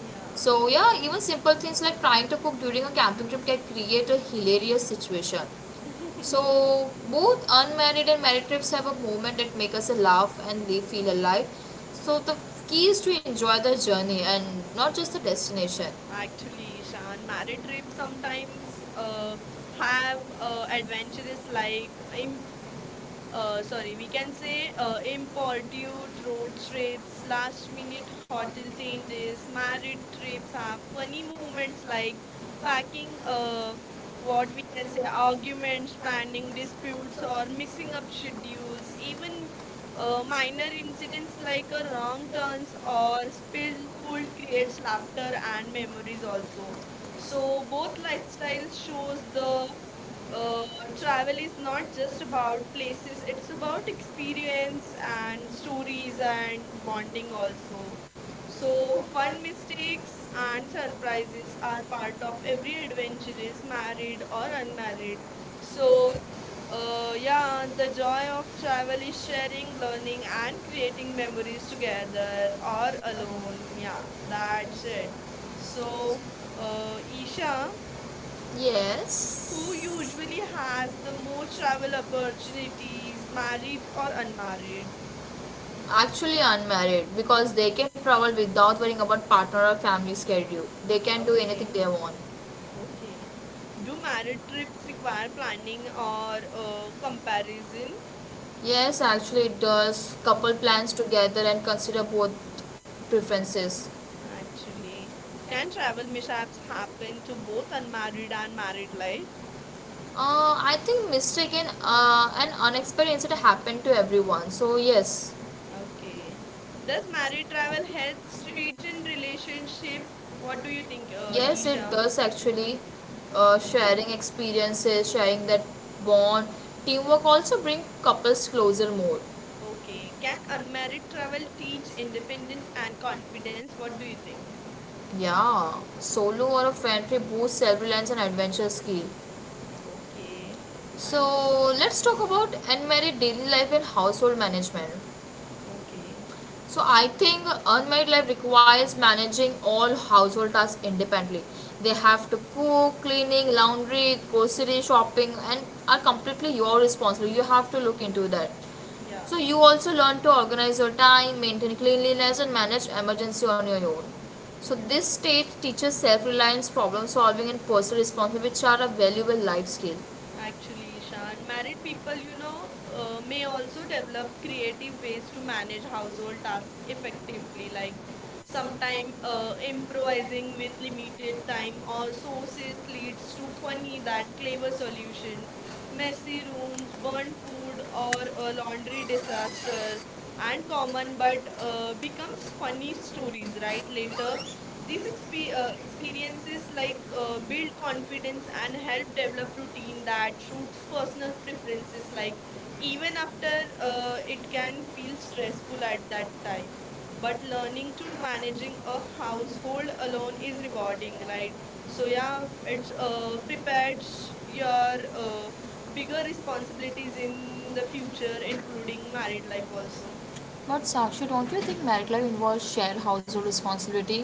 Yeah,
So, yeah, even simple things like trying to cook during a camping trip can create a hilarious situation. So both unmarried and married trips have a moment that make us laugh and they feel alive. So the key is to enjoy the journey and not just the destination.
actually, Shan, married trips sometimes uh, have uh, adventures like uh, sorry, we can say uh, importute road trips, last minute hotel
Thank you
changes, married
create
trips
some
have funny
fulfillment
moments
like
like
planting
packing
of
uh,
what
what we
is
can say
an argument,
arguments,
planning
planning
disputes,
disputes,
or
or mixing up
misconception
schedules. Even uh, minor
or
incidents like a wrong turns or spilled food creates laughter and memories also. So both lifestyles shows the uh, travel
travel
is not
not the
just
small
about
places
places,
with
it's
work,
about
it's
experience
experience and
and
stories
stories
and
and
bonding
bonding
also.
also.
So
So
while
fun
mistakes
mistakes
and
and
surprises
surprises
are
are
part
part
of
of every
every relationship,
adventurous
marriage
married
or
or
unmarried,
unmarried.
so
So
uh,
uh,
yeah,
yeah,
with
the
the love
joy of travel
traveling,
is
sharing,
sharing,
learning
learning
and
and
creating
creating
memories
memories
together
together
all
or
alone.
alone. Yeah,
Yeah, that is
that's
it.
it.
So
So uh,
uh, Isha,
Isha,
yes.
who usually has the most travel opportunities, married or unmarried?
Actually, unmarried because they can travel without worrying about partner or family schedule. They can do
Okay,
anything they want.
okay. Do married trips require planning or uh, comparison?
Yes, actually, it does. Couple plans together and consider both preferences.
Actually, can travel mishaps happen to both unmarried and married life?
Uh, I think mistaken uh, and unexpected incident happen to everyone. So yes,
Okay.
does
Does married travel
transparent
help
help strengthen
straighten relationship?
relationship? What
What do you think,
do
uh,
you yes, it
Isha?
does actually. Uh,
Okay.
sharing experiences, sharing that bond, teamwork also bring couples closer more.
Okay.
Yeah,
Can
sometimes
unmarried travel
travel
teach
teach
independence
independence and
and
confidence.
confidence? What
What
do
do
you think?
you think? Yeah, solo or a friend trip boosts self reliance and adventure skill.
Okay. Thanks.
So let's talk about unmarried daily life and household management.
Okay.
So I think unmarried life requires managing all household tasks independently. They have to cook, cleaning, laundry, grocery shopping, and are completely your responsibility. You have to look into that.
Yeah.
So you also learn to organize your time, maintain cleanliness, and manage emergency on your own. So
Yeah.
this stage teaches self-reliance, problem solving, and personal responsibility, which are a valuable life skill.
Actually, Shan, married people, you know, uh, may also develop creative ways to manage household tasks effectively, like sometime uh, improvising with limited time or sources leads to funny that clever solution, messy rooms, burnt food, or a laundry disaster,
But
and
um,
common but
it
uh, becomes
comes
funny
funny stories
stories,
that
right?
later
Later,
these
these exp
we uh, experience
experiences
this
like
like uh,
uh,
big
build
confidence
confidence and
and have
help develop routine
developed that
that suits personal
personal
preferences.
preferences
Like
like
even
even
after
after uh,
uh, it
it can
can feel
feel stressful
stressful
at
at that
that time.
time, but
But uh,
learning
need
to
to manage
managing
a
a household
household alone
alone is
is about
rewarding,
it,
right?
right?
So
So now
yeah, it's
if
uh,
uh,
prepares
prepares your
your
uh,
uh, bigger
bigger
responsibilities
responsibilities
in
in
the
the future,
future, including
including marriage
married life
life
also.
also. But Sakshi, don't you think married life involves shared household responsibility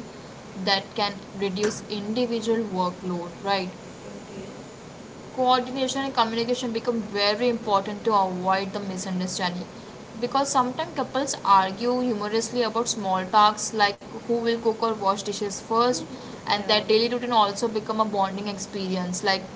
that can reduce individual workload, right?
Okay.
Coordination and communication become very important to avoid the misunderstanding because sometimes couples argue humorously about small tasks like who will cook or wash dishes first, and
Yeah.
that daily routine also become a bonding experience like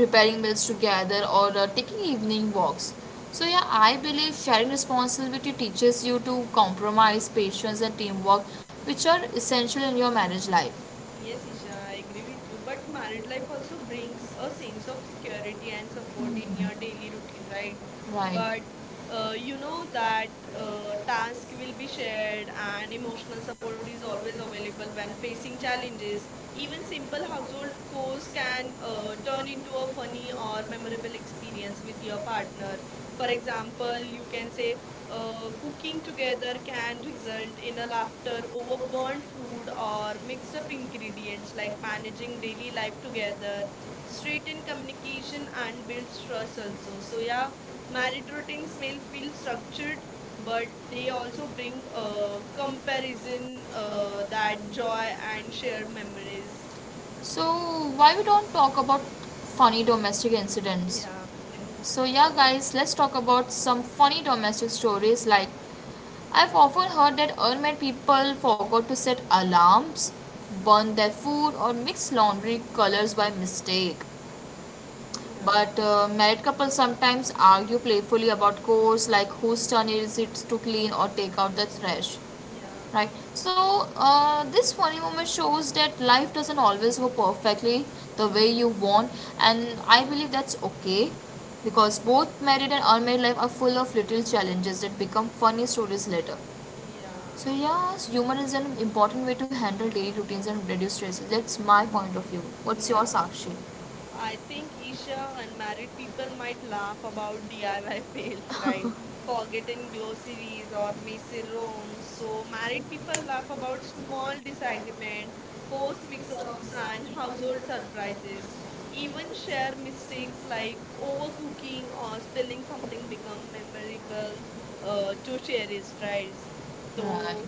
preparing meals together or uh, taking evening walks. So yeah, I believe sharing responsibility teaches you to compromise patience and teamwork, which are essential in your marriage life.
Yes, Isha, I agree with you. But married life also brings a sense of security and support in your daily routine, right?
Mm-hmm. Right.
But uh, you know that uh, task will be shared and emotional support is always available when facing challenges. Even simple household chores can uh, turn into a funny or memorable experience with your partner. For
For example,
example, you can
let's say,
say, uh,
uh, cooking
cooking
together.
together can result in a laughter over burnt food or mixed up ingredients, like managing daily life together, straighten communication and builds trust also. So yeah, married routines may feel structured, but they also bring uh, comparison, uh, that joy and shared memories.
So, why we don't talk about funny domestic incidents?
Yeah, and
So yeah
so
guys, let's talk about some funny domestic stories like I've often heard that unmarried people forgot to set alarms, burn their food or mix laundry colors by mistake.
yeah,
But uh, married couples sometimes argue playfully about chores like whose turn is it to clean or take out the trash.
yeah,
Right. So uh, this funny moment shows that life doesn't always go perfectly the way you want, and I believe that's okay because both married and unmarried life are full of little challenges that become funny stories later.
yeah,
So yes, humor is an important way to handle daily routines and reduce stresses. That's my point of view. What's your
yeah.
Sakshi?
I think Isha, unmarried people might laugh about D I Y fails, right? Forgotten glossaries or messy rooms. So married people laugh about small disagreement, course mix-ups and household surprises. Even share mistakes like overcooking or spilling something become memorable uh, to cherish, right?
Right.
So,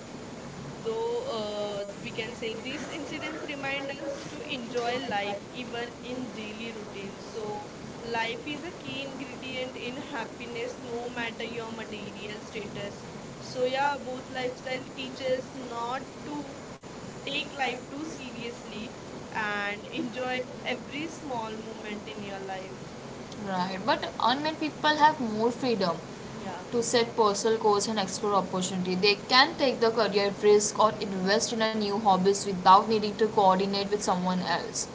though uh, we can say these incidents remind us to enjoy life even in daily routines. So, life is a key ingredient in happiness no matter your material status. So, yeah, both lifestyle teaches not to take life too seriously and enjoy every small moment in your life.
Right, but unmarried people have more freedom
Yeah.
to set personal goals and explore opportunity. They can take the career risk or invest in a new hobbies without needing to coordinate with someone else,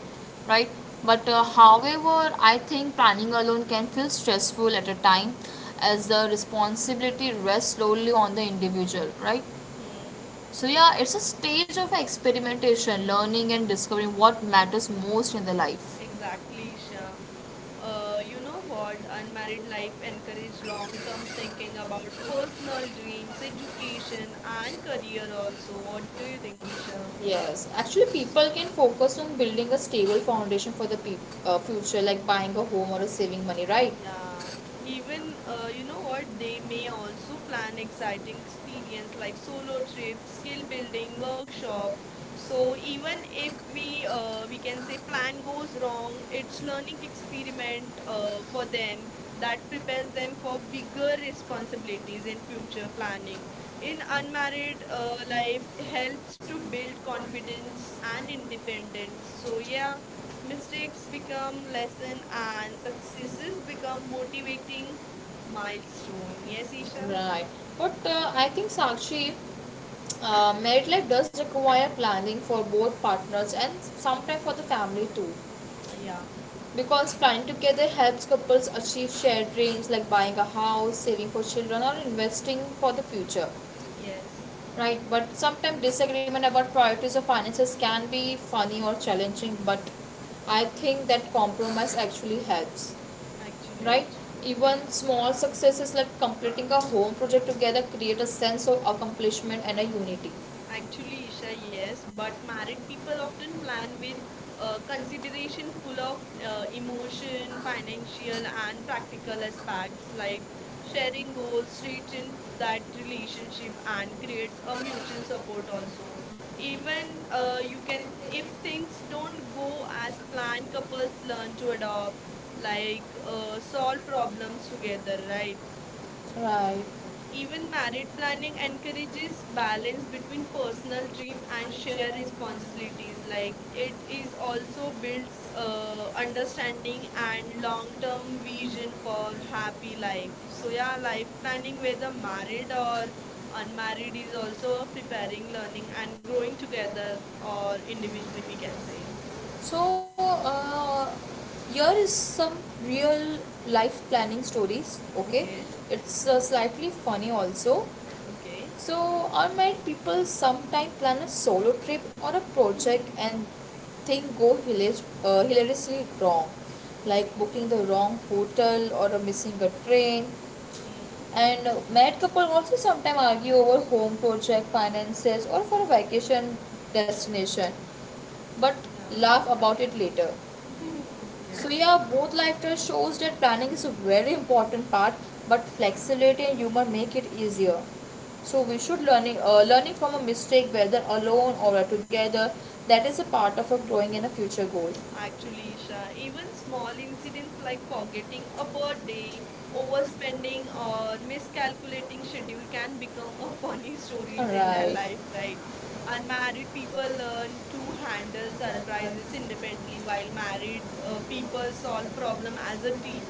right? But uh,
Hmm.
however, I think planning alone can feel stressful at a time as the responsibility rests solely on the individual, right?
Hmm.
So, yeah, it's a stage of experimentation, learning, and discovering what matters most in the life.
Exactly, Isha. Uh, you know what? Unmarried life encourages long term thinking about personal dreams, education, and career also. What do you think, Isha?
Yes, actually, people can focus on building a stable foundation for the peop uh, future, like like buying a home or saving money, right?
Yeah, even uh, you know what, they may also plan exciting experience like solo trips, skill building, workshop. So even if we uh, we can say plan goes wrong, it's learning experiment uh, for them that prepares them for bigger
Concentrated in
responsibilities in future
future
planning.
funding. In
In
organic
unmarried uh,
fertilizer, it
life
helps
helps
to
to
build
build
confidence
confidence
and
and independence.
independence. So
So
yeah,
yeah, mistakes
missiles become
become
pleasant
lesson
and
and this has
missiles become
become
motivating
motivating
ones.
milestone. Yes, Isha?
Yes. Right. But uh, I think Sakshi, uh, married life does require planning for both partners and sometimes for the family too.
Uh, Yeah.
Because planning together helps couples achieve shared dreams like buying a house, saving for children, or investing for the future,
Yes.
right? But sometimes disagreement about priorities or finances can be funny or challenging, but I think that compromise actually helps,
Actually,
right?
actually. Yeah.
Even small successes like completing a home project together create a sense of accomplishment and a unity
Actually, Isha, yes, but married people often plan with uh, consideration full of uh, emotion, financial, and practical aspects like sharing goals, strengthen that relationship, and creates a mutual support also. Even
uh,
uh, you can, if things don't go as planned, couples learn to adopt,
like
like uh,
uh,
solve problems together, right?
right? Right people
Even married planning
management activities
encourages
by
balance between
increasing personal
personal
fit
dream
and
and shared
sharing
responsibilities.
responsibilities.
Like
Like it
it
is
is
also
also
builds
builds
uh,
uh,
understanding
understanding
and
and
long-term
long-term
vision
vision
for
for
the party
happy
life.
life.
So
So
yeah,
yeah,
life
life
can be
planning,
very
whether
unmanaged
married
or
or
unmanaged
unmarried,
is
is
also
also preparing,
developing
learning,
and
and
growth
growing together
together or
or individually. We
individual
can
yes.
say.
So, uh, here is some real life planning stories. Okay,
Okay.
it's uh, slightly funny also.
Okay.
So, I met people sometime plan a solo trip or a project and thing go hilar- uh, hilariously wrong, like
Okay.
booking the wrong hotel or uh, missing a train.
Hmm.
And uh, married couple also sometimes argue over home project, finances, or for a vacation destination, but
Yeah.
laugh about it later.
yeah.
So yeah, both lifestyle shows that planning is a very important part, but flexibility and humor make it easier, so we should learning uh, learning from a mistake whether alone or together. That is a part of a growing in a future goal. Alright.
Actually, Isha, even small incidents like forgetting a birthday, overspending, or miscalculating schedule can become a funny stories in their life, right? Unmarried people learn to handle surprises independently, while married uh, people solve problem as a team.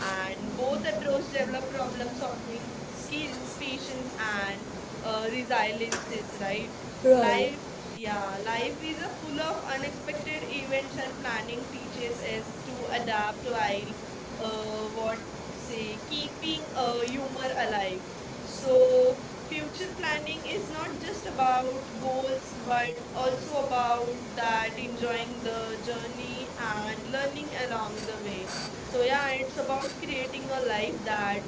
And both approach develop problem solving skills, patience, and uh, resiliences, right?
Right. Life,
Life
yeah,
yeah, life
life
is a
is
full
full of
of unexpected
unexpected
events
events
and
and
planning
annual
teaches
features and
us
to
to
adapt
adapt
to life
while uh,
uh, or
what
say,
say keeping
keeping
uh,
uh, you
humor
were alive.
alive.
So,
So future
future planning
planning
is
is not
not
just
just about
about
Carol, books,
goals but
but also
also
about
about
that
that
enjoying
enjoying
the
the
journey
journey
and
and learning
turning around
along
the
the way.
world. So
So
there
yeah,
are
it's
about
about
creating
creating a
a
life
life
that
that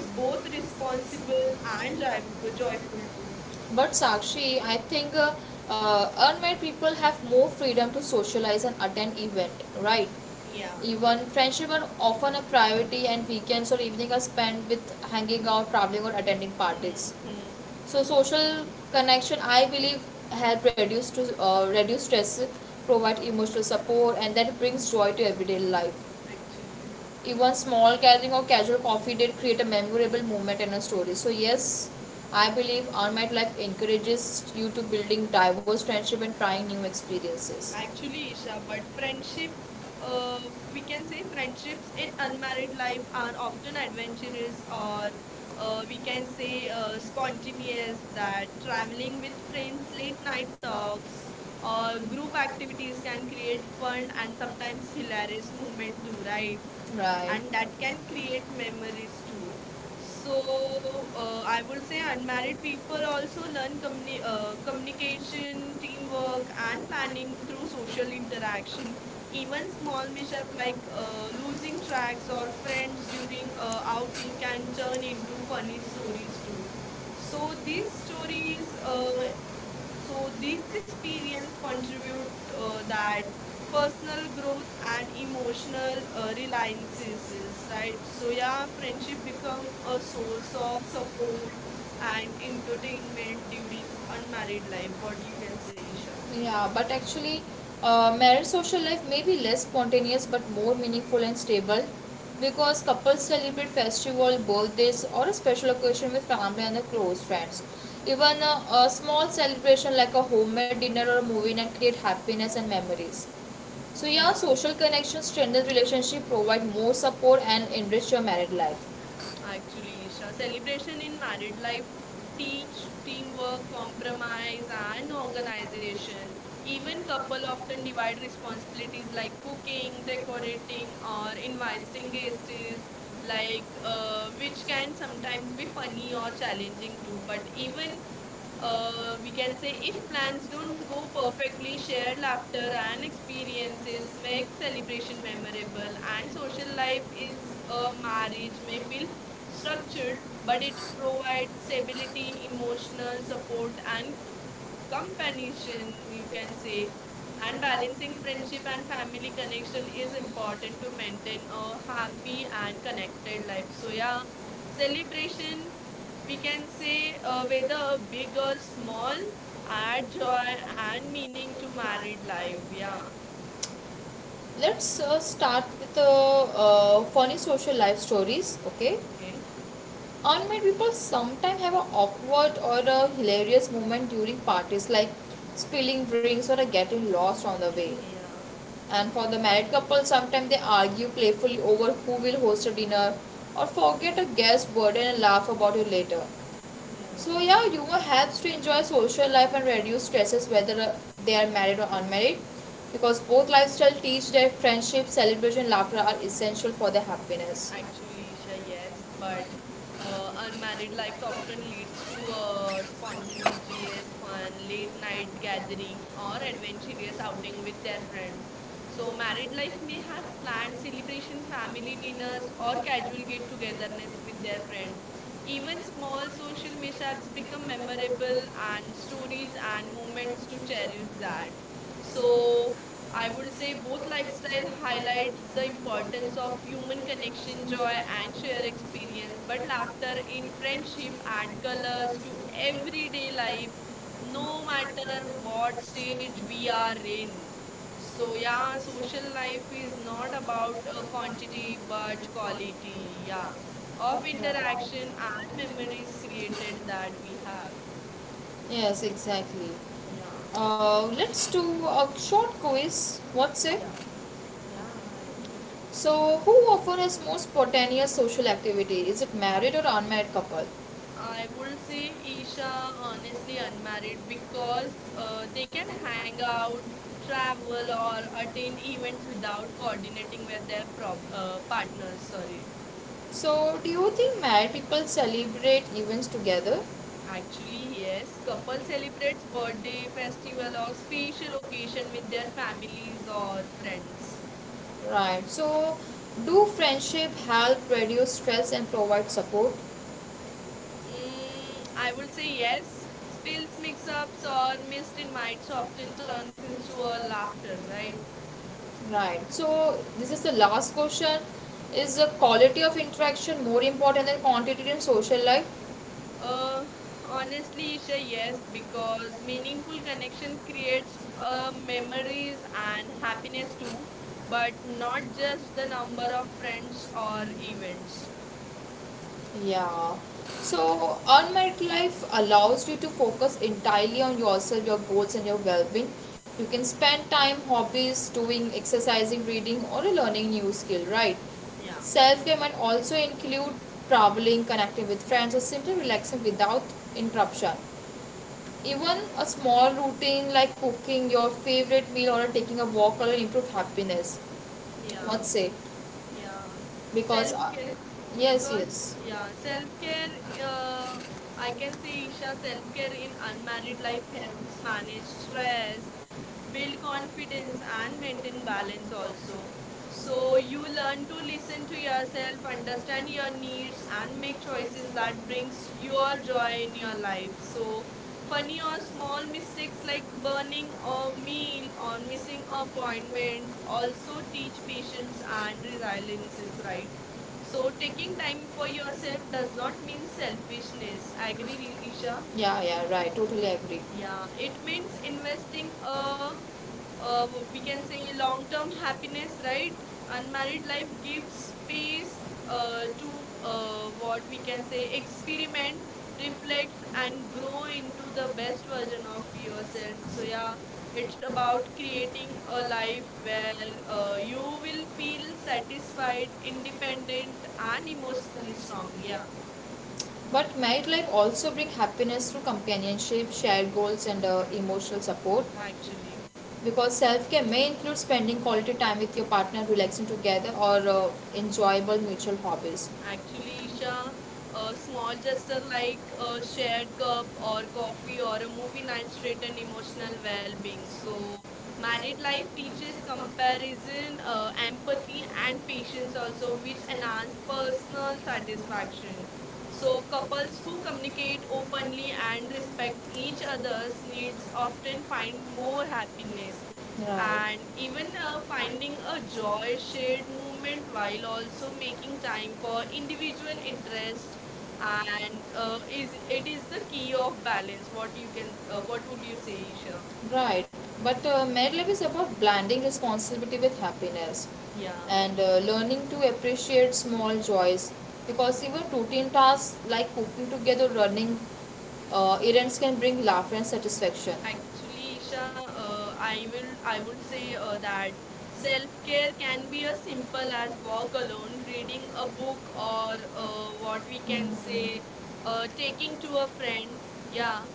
is both
both responsible
responsible
and
and
joy-
joyful.
joyful
Joyful.
too.
But Sakshi, I think uh, uh, unmarried people have more freedom to socialize and attend event, right? Yeah.
Yeah.
Even friendship are often a priority, and weekends or evening are spent with hanging out, traveling, or attending
Hmm.
parties.
hmm.
So social connection I believe help reduce to uh, reduce stress, provide emotional support, and that brings joy to everyday life.
Actually,
Even small gathering or casual coffee date create a memorable moment and a story. So yes, I believe Earn My Life encourages you to building diverse friendship and trying new experiences.
actually, Isha, but friendship, uh, we can say friendships in unmarried life are often adventurous or uh, we can say uh, spontaneous that traveling with friends, late night talks, or group
Do
activities can create fun and sometimes hilarious moment too, right?
right.
And that can create memories too. So uh, I would say unmarried people also learn communi- uh, communication, teamwork, and planning through social interaction. Even small mishap like uh, losing tracks or friends during uh, outing can turn into
Right.
funny stories too.
So
So these
these
stories
stories,
uh,
uh, so
so these
these experience
experience
contribute
contribute
uh,
uh,
that
that
personal
personal growth
growth and
and
emotional
emotional
uh,
uh,
realizations.
reliances,
Right?
right?
So
So
yeah,
yeah,
friendship
friendship
becomes
become
a
a source
source
of
of support
support
and
and
entertainment,
entertainment during
giving
unmarried life. What you can
confidence.
say, Isha?
Yeah, but actually, uh, married social life may be less spontaneous but more meaningful and stable because couples celebrate festival, birthdays, or a special occasion with family and their close friends. Even a, a small celebration like a homemade dinner or a movie night create happiness and memories. So
Yeah.
yeah, social connections strengthen relationship, provide more support, and enrich your married life.
Actually, Isha, celebration in married life teach teamwork, compromise, and organization. Even couple often divide responsibilities like cooking, decorating, or inviting guests, like uh, which can sometimes be funny or challenging too. But even uh, we can say if plans don't go perfectly,
Share
shared
how
laughter
their own
and
experiences,
experiences, make
myths, and
celebration
vision, and
memorable,
memories
and
mind.
social
Life
life is
is
a marriage may
organic,
feel
structured,
structured, but
but
it provides
provides significant
stability,
emotional
emotional support,
support and
and
companionship
companionship,
we
you can
can say.
say,
And
and balancing
balancing
friendship
friendship and
and
family
family connection
connection
is
is important
important to
to maintain
maintain
our
a
happy
happy
and
and
connected
connected life.
life.
So,
So yeah,
yeah,
celebration
celebration, we
we can
can
say
say,
uh,
uh, whether
whether
a
it
big or
was
small,
small and
add joy
joy and
and meaning
meaning
to
to
married
mankind.
life. Yeah,
Yeah. Let's uh, start with the uh, uh, funny social life stories, okay?
okay.
Unmarried people sometimes have an awkward or a hilarious moment during parties, like spilling drinks or uh, getting lost on the way.
yeah,
And for the married couple, sometimes they argue playfully over who will host a dinner or forget a guest word and laugh about it later.
yeah.
So yeah, humor helps to enjoy social life and reduce stresses whether uh, they are married or unmarried because both lifestyles teach that friendship, celebration, and laughter are essential for their happiness.
Actually, Isha, yes, but uh, unmarried life often leads to a spontaneous, fun, late night gathering or adventurous outing with their friends. So, married life
So
may have planned celebration, family dinners, or casual get togetherness with their friend. Even small social mishaps become memorable and stories and moments to cherish that.
I
So, I would
would
say
say
both
both
lifestyle
websites highlight
highlights the
the
importance
importance
of
of
human
human condition
connection, joy,
joy,
and shared
actions,
experience. But
but
laughter
after the
in friendship
friendship,
add
actor
colors to everyday
everything like
life,
no
no matter
matter
what
what
stage
stage
we
we
are
are in.
in.
So
So
yeah,
yeah,
my
social
social life
life is
is
not
not about
about uh,
the quantity
quantity but
but quality.
quality. Yeah,
Yeah. Or
of
people yeah out
interaction
there
and
haven't ever
memories
created
created that
that.
we have.
Yeah. Yes, exactly.
Yeah,
Uh, let's do a short quiz. What's it?
yeah, yeah. yeah.
So, who often is more spontaneous social activity? Is it married or unmarried couple? Uh,
I would say Isha
uh,
honestly unmarried because uh,
uh,
they can hang out, travel, or attend events without coordinating with their prob-
uh,
uh, partners.
partners. So.
Sorry.
So, do you think married people celebrate events together?
Actually, yes, couple
Yes,
celebrates birthday, festival, or special occasion with their families or friends.
right. So, do friendship help reduce stress and provide support? Mm,
Mm, I would say
yes.
yes. Spills, mix-ups, or missed invites often turns into a laughter,
Right?
right?
Right. So this is the last question. Is the quality of interaction more important than quantity in social life? Uh,
Uh, Honestly, Isha, yes,
yes,
because meaningful connection creates uh, memories and happiness too,
but
but
not
not
just
just the
the
number
number
of
of
friends
friends or
or
events.
events.
Yeah. So, unmarried life allows you to focus entirely on yourself, your goals, and your well being. You can spend time, hobbies, doing exercising, reading, or learning new skill, right?
Yeah,
Self care might also include traveling, connecting with friends, or simply relaxing without interruption. Even a small routine like cooking your favorite meal or taking a walk or improve happiness.
yeah.
What say?
Yeah,
Because
self
uh,
care
yes
because
yes
yeah, self care. Uh, I can say Isha self care in unmarried life helps manage stress, build confidence, and maintain balance also. So you learn to listen to yourself, understand
Understand
your
your
needs,
needs and
and make
make
choices
choices that
that
brings
brings
your
your
joy
joy
in
in your
your
life.
life. So
So
but
funny
now
or
the
small
small
mistakes
mistakes
like
like
burning
burning or
a
being
meal or
or
missing
missing a point where
appointment
we also
also
teach
teach patience
patients and
and
the
resilience,
diagnosis,
right?
right.
So
So
taking
taking time
time for
for yourself
yourself does
does not
not mean
mean selfishness.
selfishness.
I
Agree,
believe Isha.
Isha?
Yeah, yeah, right. Totally agree.
Yeah,
Yeah. It
it means
means
investing
investing a,
a
a,
uh
we
we can
can
say
say long
long-term
term term happiness
happiness,
when
right? Unmarried life
unmanipulated
gives
gives
space
space uh,
uh, to
to, um,
uh, what we
we
can
can
say
say, experiment,
experiment,
reflect,
reflect
and
and
grow
grow
into
into the
the best
best version
version
of
of
yourself.
yourself.
So
So,
yeah,
yeah,
it's
it's about
about creating
creating
a
a life
life
where
where uh,
uh,
you
you
will
will feel
feel
satisfied,
satisfied,
independent,
independent and
and
emotionally
personally
strong.
strong.
Yeah,
Yeah. But married life also brings happiness through companionship, shared goals, and uh, emotional support
actually.
because self-care may include spending quality time with your partner relaxing together or uh, enjoyable mutual hobbies.
Actually, Isha, a small gesture like a shared cup or coffee or a movie night straighten emotional well-being. So, married life teaches comparison, uh, empathy, and patience also, which enhance personal satisfaction.
So
So,
couples
couples
who
who
communicate
communicate
openly
openly and respect
advertisement,
each
each of
other's
those names
needs often find
occupying
more
more
happiness
address. Right.
and
And even
even uh,
her
finding
finding a
a
job
joy
share
shared
movement
movement
while
while also
also
making
making time
time
for
for individual
individual
interest
interests. And
and uh,
uh,
is
it
it is
is
the
the
key
key of
of
that,
balance
is
what
what
you
we
can
can,
uh,
uh,
what
what
would you
we are
say
saying
Isha.
here. Right, but uh, Mad is about blending responsibility with happiness.
Yeah.
Yeah. And uh, learning to appreciate small joys because even routine tasks like cooking together, running, uh, events can bring laughter and satisfaction.
Actually, Isha,
So,
uh,
uh,
I will I would say uh,
uh,
that self-care can be as simple as walk alone, reading a
uh,
book, or uh, what we can say, uh, taking to a friend.
yeah.
Yeah.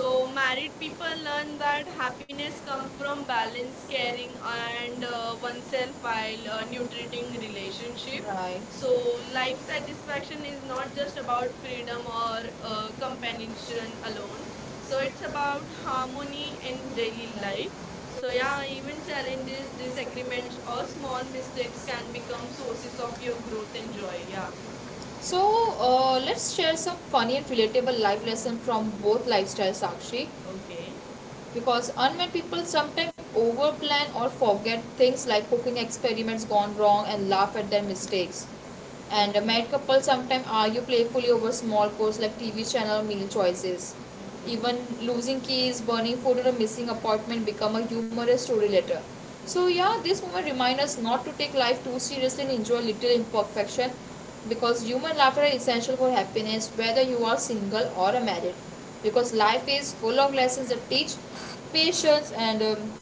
So,
married people learn that
happiness
happiness
comes
comes
from
from balance,
balance and
caring, and
uh,
uh,
WhatsApp
oneself
part,
while uh,
now you're getting
nutriting
in relationship.
relationship.
Right. So
So
life
life
satisfaction
satisfaction is
is not
not just
just about
about
freedom
freedom
or
or
uh,
uh,
companionship
companionship alone
alone. So
so it's
it's about
about
harmony
harmony
and
in daily
daily
life.
life.
So
So yeah,
yeah,
in
even
this
challenges,
challenges, disagreement
disagreements
or
or
small
small mistakes
mistakes can
can
become
become
sources
sources
of
of your
your
growth
growth
and
and joy.
joy. Yeah.
Yeah. So uh, let's share some funny and relatable life lesson from both lifestyles, Sakshi,
Okay.
because unmet people sometimes overplan or forget things like cooking experiments gone wrong and laugh at their mistakes and
Okay.
married couples sometimes argue playfully over small quirks like T V channel or meal choices. Even
Mm-hmm.
losing keys, burning food, or a missing apartment become a humorous story later. So yeah, this moment reminds us not to take life too seriously and enjoy little imperfection because human laughter is essential for happiness whether you are single or married because life is full of lessons that teach patience and um,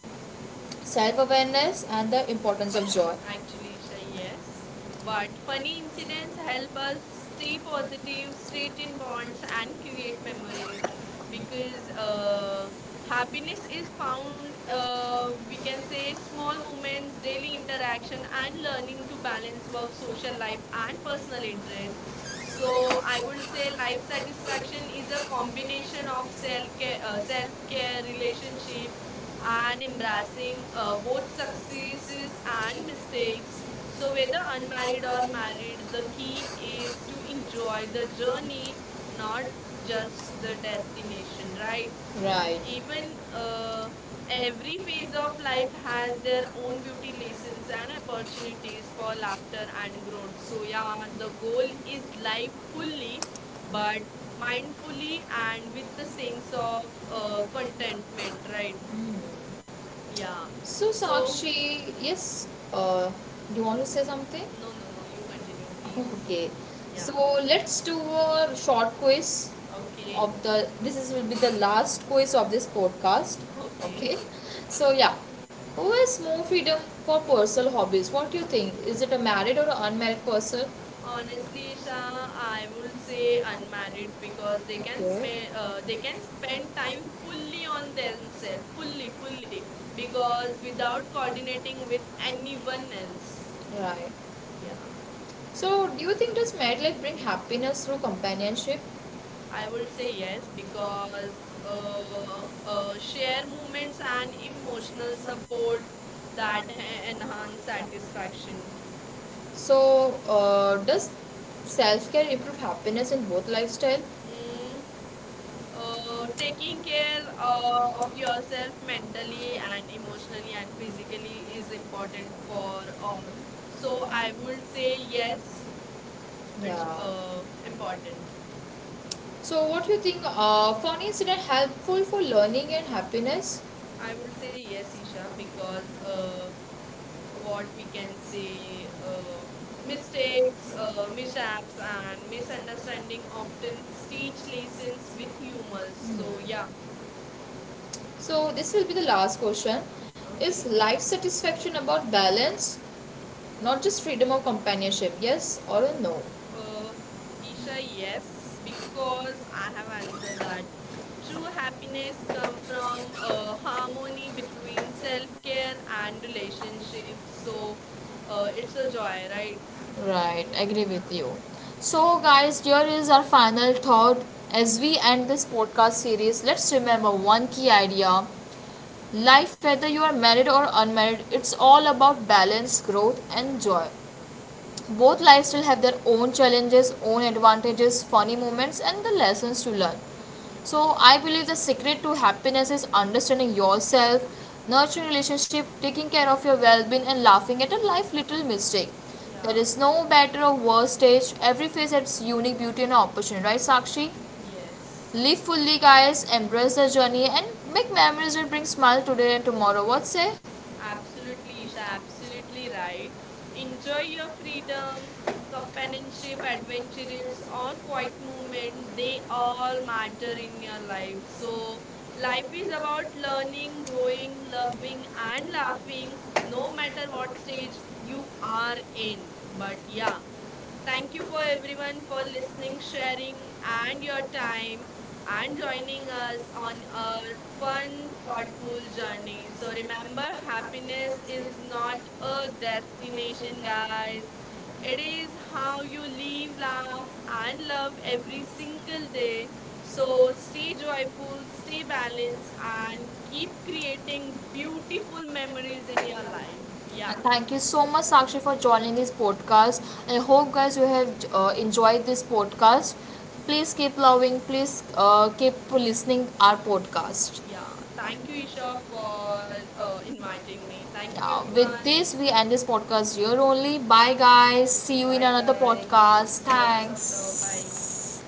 self awareness, and the importance of joy.
Actually, Isha, yes. But funny incidents help us stay positive, straighten bonds, and create
And
memories because uh, happiness is found, uh,
uh,
we can say, small moments, daily interaction, and learning to balance work, social life, and personal interest. So I
So
would say life satisfaction is a combination of self care, uh, self
uh,
care, relationship,
uh,
and embracing
adapting
uh,
uh, both
both
substances
successes
and
and mistakes.
systems. So
So, whether
without the
unmarried or
iron and
married,
the
the
heat
key
needs
is to
to
enjoy
join
the
the journey,
journey,
not
not
just
just the
the destination,
destination, right?
right? Right.
Even
Even
uh,
uh, and
every
it is
phase
all
of
like
life
I
has
will
their own
only
beauty
lessons
lessons
and
and
opportunities
opportunities
for
for
after
laughter
I.
and growth.
So
So,
now
yeah, the
the
goal
goal
is
is like
life
fully,
fully but
but mindfully
mindfully
and
and
with
with the
the
sense
sense of
of
uh,
uh,
contentment,
contentment,
right?
right?
Mm. Yeah.
Yeah.
So,
So,
Sakshi, yes, uh, do you want to say something?
no, no, no, you continue, please.
Okay,
Yeah.
so let's do a short quiz
Okay.
of the. This is will be the last quiz of this podcast.
Okay.
Okay, so yeah, who has more freedom for personal hobbies? What do you think? Is it a married or an unmarried person? Honestly,
Honestly, Isha,
Sharon, I
I would
would say
say
unmarried
unmarried because
because
they
they
can
can, okay, spend,
spend
uh,
uh, they
they
can
can spend
spend time
time
fully
fully
on
on
themselves,
themselves,
fully,
fully, fully,
fully, because
because without
without coordinating
conflicting
with
with
anyone
anyone else.
else.
Right.
Yeah.
So, do you think does marriage bring happiness through companionship? I
I
would
would
say
say
yes,
yes
because
because
uh,
uh,
uh, uh,
uh, share
sharing with
moments and
family,
emotional
emotional
support
support,
that
that
ha-
and uh,
enhance satisfaction.
satisfaction. So, uh, does self care improve happiness in both lifestyle?
Mm,
Uh,
uh,
taking
taking
care
care uh,
uh, of
of
yourself
yourself
mentally
mentally
and
and emotionally
emotionally
and
and
physically
physically
is
is important
important
for
for
all.
all. So
So I
I
would
would
say
say
yes.
yes,
Yeah,
it's uh,
uh,
important.
important. So, what do you think? Uh, found incident helpful for learning and happiness? I
I
would
will say
say
yes,
yes,
Isha,
Mira,
because
because um,
uh,
what
what we
we
can
can see
say, uh,
uh,
mistakes,
mistakes, uh,
uh, mishaps,
misunderstand-
and misunderstanding
misunderstanding often
often
teach
teach
lessons
lessons with
with
humor.
humans.
So
So,
yeah,
yeah. So, this will be the last question.
okay.
Is life satisfaction about balance, not just freedom or companionship? Yes or a no?
Uh, Isha, yes, because I have answered that. True happiness comes from uh, harmony between self-care and relationships. So, uh, it's a joy, right?
Right, agree
Yeah,
with you. So, guys, here is our final thought. As we end this podcast series, let's remember one key idea: life, whether you are married or unmarried, it's all about balance, growth, and joy. Both lifestyle have their own challenges, own advantages, funny moments, and the lessons to learn.
Yeah,
So I believe the secret to happiness is understanding yourself, nurturing relationship, taking care of your well-being, and laughing at a life little mistake. There
yeah,
is no better or worse stage. Every phase has unique beauty and opportunity, right, Sakshi?
yes.
Live fully, guys. Embrace the journey and make memories that bring smile today and tomorrow. What say? Thank
Absolutely, Isha,
you
absolutely right. Enjoy your freedom, companionship, adventures, or quiet movement. They all matter in your life. So, life is about learning, growing, loving, and laughing, no matter what stage you are in. But yeah,
for
thank you for
everyone
everyone for
for listening,
listening,
sharing,
sharing, and
and
your
does that.
time
I'm
and joining
driving
us
was on
on
a
our
fun
fun,
part
thoughtful
movie journey.
journey. So
So
remember,
remember, happiness
happiness
is
is not
not a
a
destination,
destination, guys.
guys.
It
It is
is
how
how you
you feel
live,
now
laugh,
and
and
now
love every
every
single
single
day.
day. So
So
stay
stay
driving,
joyful, stay
stay
balanced,
balanced,
and
and
keep
keep creating
creating beautiful
beautiful
memories
memories
in
in
your
your life.
life. Yeah.
And thank you so much, Sakshi, for joining this podcast. I hope, guys, you have uh, enjoyed this podcast. Please keep loving, please uh, keep listening our podcast.
Yeah, thank you, Isha, for uh, inviting me. Thank you,
Yeah, with
everyone.
this, we end this podcast here only. Bye, guys. See you
Bye,
in another
guys.
podcast.
Lots of love. Bye.
Thanks.